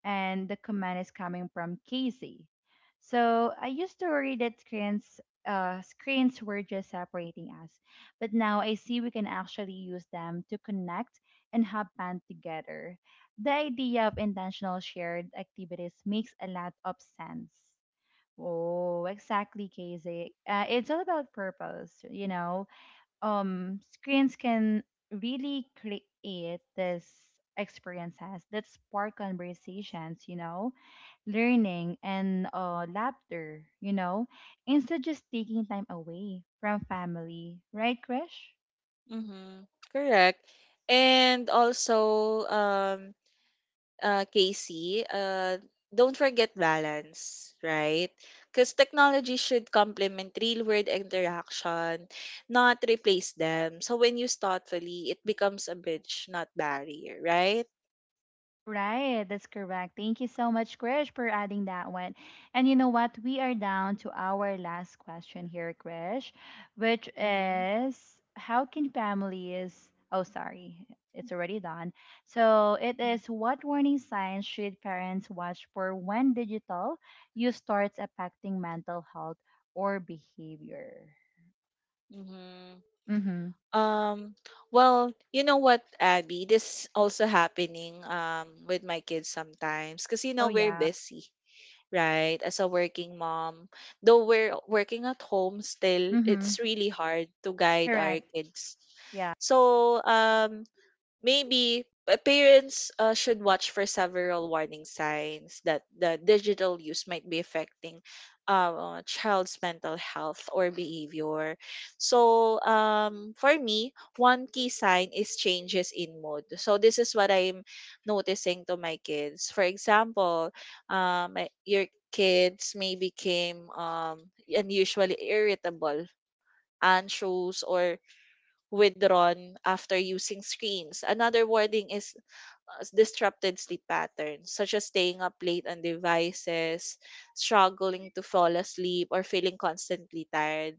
[SPEAKER 1] and the command is coming from Casey. So I used to worry that screens, screens were just separating us, but now I see we can actually use them to connect and have fun together. The idea of intentional shared activities makes a lot of sense. Oh, exactly, Casey. It's all about purpose, you know, screens can really create this experiences that spark conversations, you know, learning and laughter, you know, instead just taking time away from family, right, Krish?
[SPEAKER 2] Mm-hmm. Correct. And also, Casey, don't forget balance, right? Because technology should complement real world interaction, not replace them. So when used thoughtfully, it becomes a bridge, not barrier, right?
[SPEAKER 1] Right, that's correct. Thank you so much, Krish, for adding that one. And you know what? We are down to our last question here, Krish, which
[SPEAKER 2] Mm-hmm.
[SPEAKER 1] is how can families, oh, sorry, it's already done. So it is, what warning signs should parents watch for when digital use starts affecting mental health or behavior?
[SPEAKER 2] Mm-hmm.
[SPEAKER 1] Mm-hmm.
[SPEAKER 2] Um, well, you know what, Abby, this also happening with my kids sometimes because you
[SPEAKER 1] Oh,
[SPEAKER 2] know we're
[SPEAKER 1] yeah.
[SPEAKER 2] busy, right? As a working mom, though we're working at home still,
[SPEAKER 1] Mm-hmm.
[SPEAKER 2] it's really hard to guide our
[SPEAKER 1] Correct.
[SPEAKER 2] kids.
[SPEAKER 1] Yeah.
[SPEAKER 2] So, maybe parents should watch for several warning signs that the digital use might be affecting child's mental health or behavior. So, for me, one key sign is changes in mood. So, this is what I'm noticing to my kids. For example, your kids may became unusually irritable, anxious, or withdrawn after using screens. Another wording is disrupted sleep patterns, such as staying up late on devices, struggling to fall asleep, or feeling constantly tired.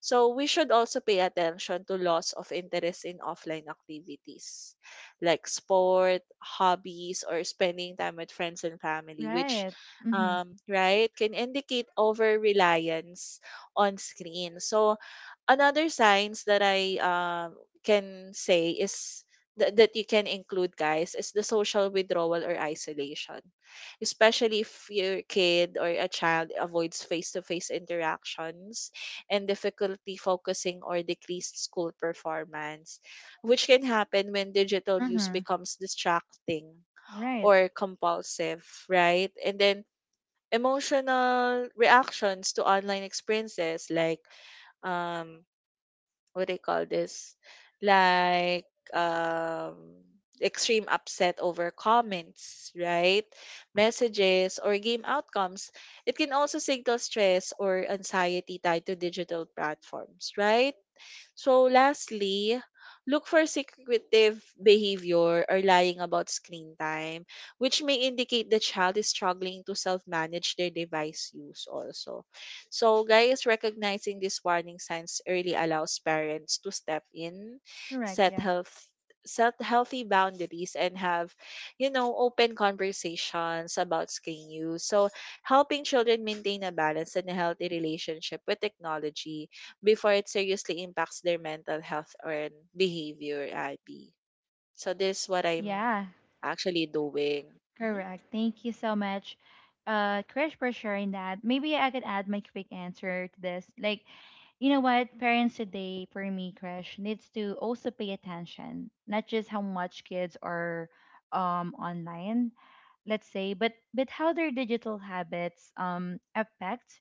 [SPEAKER 2] So, we should also pay attention to loss of interest in offline activities like sport, hobbies, or spending time with friends and family, which,
[SPEAKER 1] Right. Mm-hmm.
[SPEAKER 2] right, can indicate over reliance on screen. So, another signs that I can say is that you can include, guys, is the social withdrawal or isolation, especially if your kid or a child avoids face-to-face interactions, and difficulty focusing or decreased school performance, which can happen when digital use
[SPEAKER 1] Mm-hmm.
[SPEAKER 2] becomes distracting
[SPEAKER 1] Right.
[SPEAKER 2] or compulsive, right? And then emotional reactions to online experiences like um what do you call this? Like um extreme upset over comments, right? Messages or game outcomes. It can also signal stress or anxiety tied to digital platforms, right? So lastly, look for secretive behavior or lying about screen time, which may indicate the child is struggling to self-manage their device use also. So guys, recognizing these warning signs early allows parents to step in,
[SPEAKER 1] Correct.
[SPEAKER 2] set
[SPEAKER 1] Yeah.
[SPEAKER 2] health set healthy boundaries and have open conversations about screen use, so helping children maintain a balance and a healthy relationship with technology before it seriously impacts their mental health or behavior, Abby. So this is what I'm
[SPEAKER 1] Yeah,
[SPEAKER 2] actually doing. Hmm.
[SPEAKER 1] correct. Thank you so much, Krish, for sharing that. Maybe I could add my quick answer to this. Like, you know what? Parents today, for me, Krish, needs to also pay attention, not just how much kids are online, let's say, but how their digital habits affect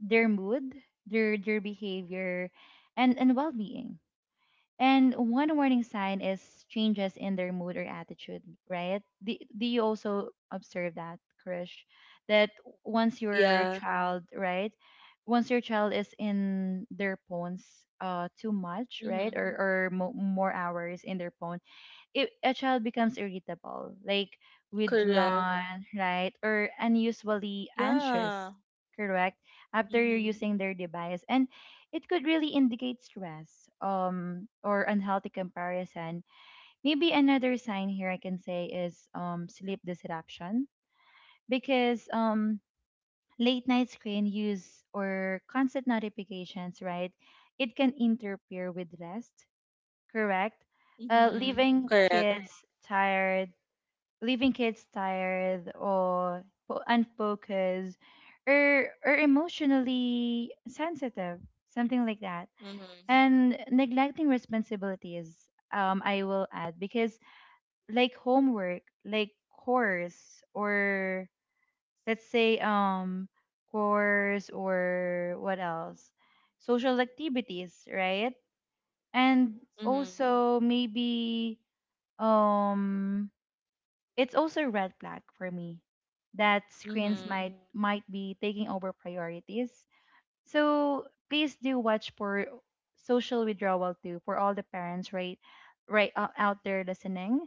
[SPEAKER 1] their mood, their behavior, and well being. And one warning sign is changes in their mood or attitude, right? Do, do you also observe that, Krish? That once your
[SPEAKER 2] Yeah.
[SPEAKER 1] child, right? Once your child is in their phones too much,
[SPEAKER 2] Hmm.
[SPEAKER 1] right? Or more hours in their phone, if a child becomes irritable, like
[SPEAKER 2] Correct.
[SPEAKER 1] withdrawn, right, or unusually
[SPEAKER 2] Yeah.
[SPEAKER 1] anxious, correct, after you're
[SPEAKER 2] Hmm.
[SPEAKER 1] using their device, and it could really indicate stress, or unhealthy comparison. Maybe another sign here I can say is sleep disruption, because late night screen use or constant notifications, right, it can interfere with rest, correct, uh,
[SPEAKER 2] Hmm.
[SPEAKER 1] leaving
[SPEAKER 2] Correct.
[SPEAKER 1] kids tired leaving kids tired or unfocused or emotionally sensitive, something like that.
[SPEAKER 2] Hmm.
[SPEAKER 1] And neglecting responsibilities, I will add, because like homework, like course, or let's say course or what else, social activities, right, and
[SPEAKER 2] Hmm.
[SPEAKER 1] also maybe, um it's also a red flag for me that screens
[SPEAKER 2] Hmm.
[SPEAKER 1] might be taking over priorities. So please do watch for social withdrawal too, for all the parents, right, out there listening.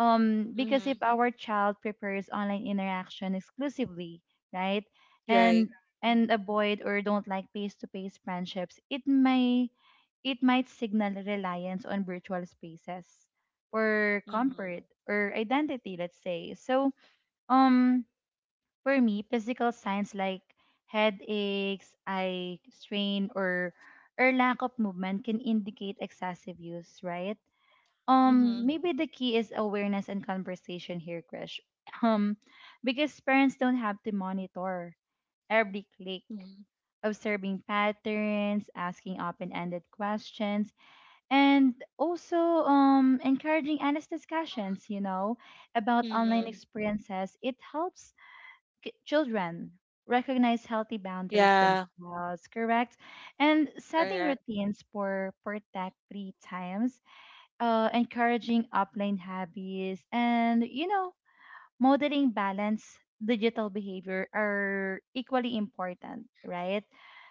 [SPEAKER 1] Because if
[SPEAKER 2] Hmm.
[SPEAKER 1] our child prefers online interaction exclusively, right,
[SPEAKER 2] Right.
[SPEAKER 1] and
[SPEAKER 2] Mm-hmm.
[SPEAKER 1] and avoid or don't like face-to-face friendships, it may it might signal reliance on virtual spaces or comfort or identity, let's say. So um for me, physical signs like headaches, eye strain, or lack of movement can indicate excessive use, right?
[SPEAKER 2] Mm-hmm.
[SPEAKER 1] Maybe the key is awareness and conversation here, Krish, um because parents don't have to monitor every click.
[SPEAKER 2] Hmm.
[SPEAKER 1] Observing patterns, asking open-ended questions, and also, encouraging honest discussions, you know, about online
[SPEAKER 2] Hmm.
[SPEAKER 1] experiences, it helps children recognize healthy boundaries
[SPEAKER 2] Yeah.
[SPEAKER 1] themselves, correct, and setting
[SPEAKER 2] Correct.
[SPEAKER 1] routines for tech free times, encouraging offline hobbies, and, you know, modeling balance digital behavior are equally important, right?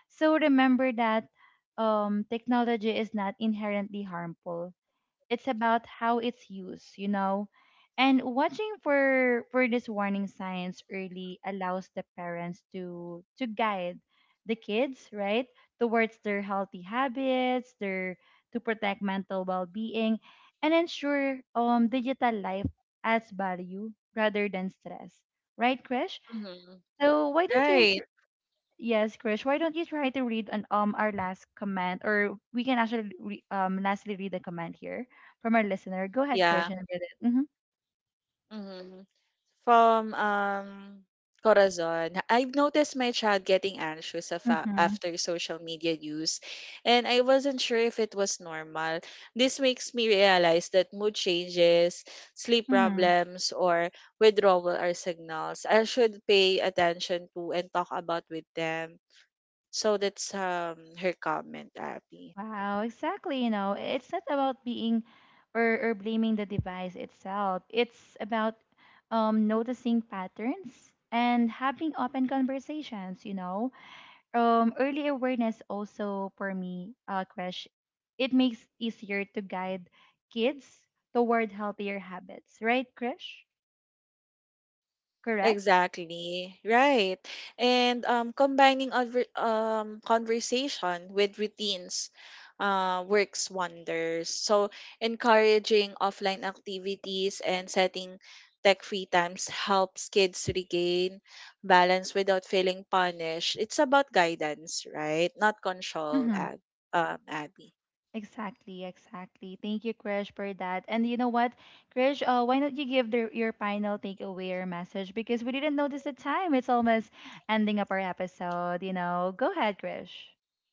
[SPEAKER 1] So remember that, technology is not inherently harmful, it's about how it's used, you know. And watching for these warning signs early allows the parents to guide the kids, right, towards their healthy habits, their to protect mental well-being, and ensure digital life adds value rather than stress, right, Krish?
[SPEAKER 2] Hmm.
[SPEAKER 1] So why don't
[SPEAKER 2] Right.
[SPEAKER 1] you, yes, Krish. Why don't you try to read an our last comment, or we can actually lastly read a comment here from our listener. Go ahead, Krish,
[SPEAKER 2] Yeah.
[SPEAKER 1] and read it. Mm-hmm.
[SPEAKER 2] Hmm. From, Corazon, I've noticed my child getting anxious of
[SPEAKER 1] Mm-hmm.
[SPEAKER 2] after social media use, and I wasn't sure if it was normal. This makes me realize that mood changes, sleep
[SPEAKER 1] Mm-hmm.
[SPEAKER 2] problems, or withdrawal are signals I should pay attention to and talk about with them. So that's her comment, Abby.
[SPEAKER 1] Wow, exactly. You know, it's not about being or blaming the device itself. It's about noticing patterns and having open conversations. You know, early awareness also for me crash, it makes easier to guide kids toward healthier habits, right, Krish? Correct.
[SPEAKER 2] Exactly. Right. And combining conversation with routines works wonders. So, encouraging offline activities and setting tech free times helps kids regain balance without feeling punished. It's about guidance, right? Not control,
[SPEAKER 1] Mm-hmm.
[SPEAKER 2] Abby.
[SPEAKER 1] Exactly, exactly. Thank you, Krish, for that. And you know what, Krish, why not you give the, your final takeaway or message, because we didn't notice the time, it's almost ending up our episode, you know. Go ahead, Krish.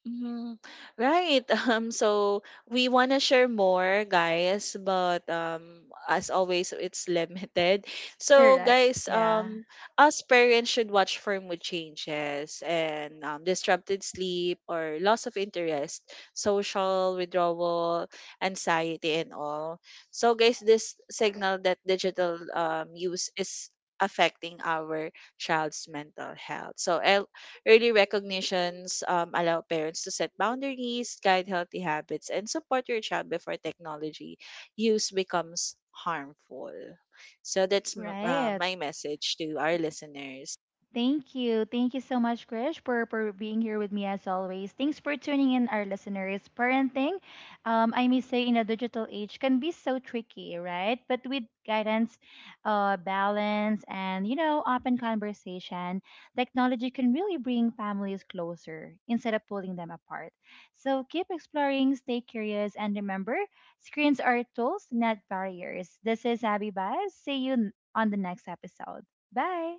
[SPEAKER 2] Mhm. Right. So we want to share more, guys, but as always, it's limited. So,
[SPEAKER 1] Correct.
[SPEAKER 2] guys,
[SPEAKER 1] Yeah.
[SPEAKER 2] us parents should watch for mood changes and disrupted sleep or loss of interest, social withdrawal, anxiety, and all. So, guys, this signal that digital use is affecting our child's mental health. So, el early recognitions allow parents to set boundaries, guide healthy habits, and support your child before technology use becomes harmful. So that's
[SPEAKER 1] Right.
[SPEAKER 2] my message to our listeners.
[SPEAKER 1] Thank you. Thank you so much, Krish, for being here with me as always. Thanks for tuning in, our listeners. Parenting, I may say, in a digital age can be so tricky, right? But with guidance, balance, and, you know, open conversation, technology can really bring families closer instead of pulling them apart. So keep exploring, stay curious, and remember, screens are tools, not barriers. This is Abby Baez. See you on the next episode. Bye.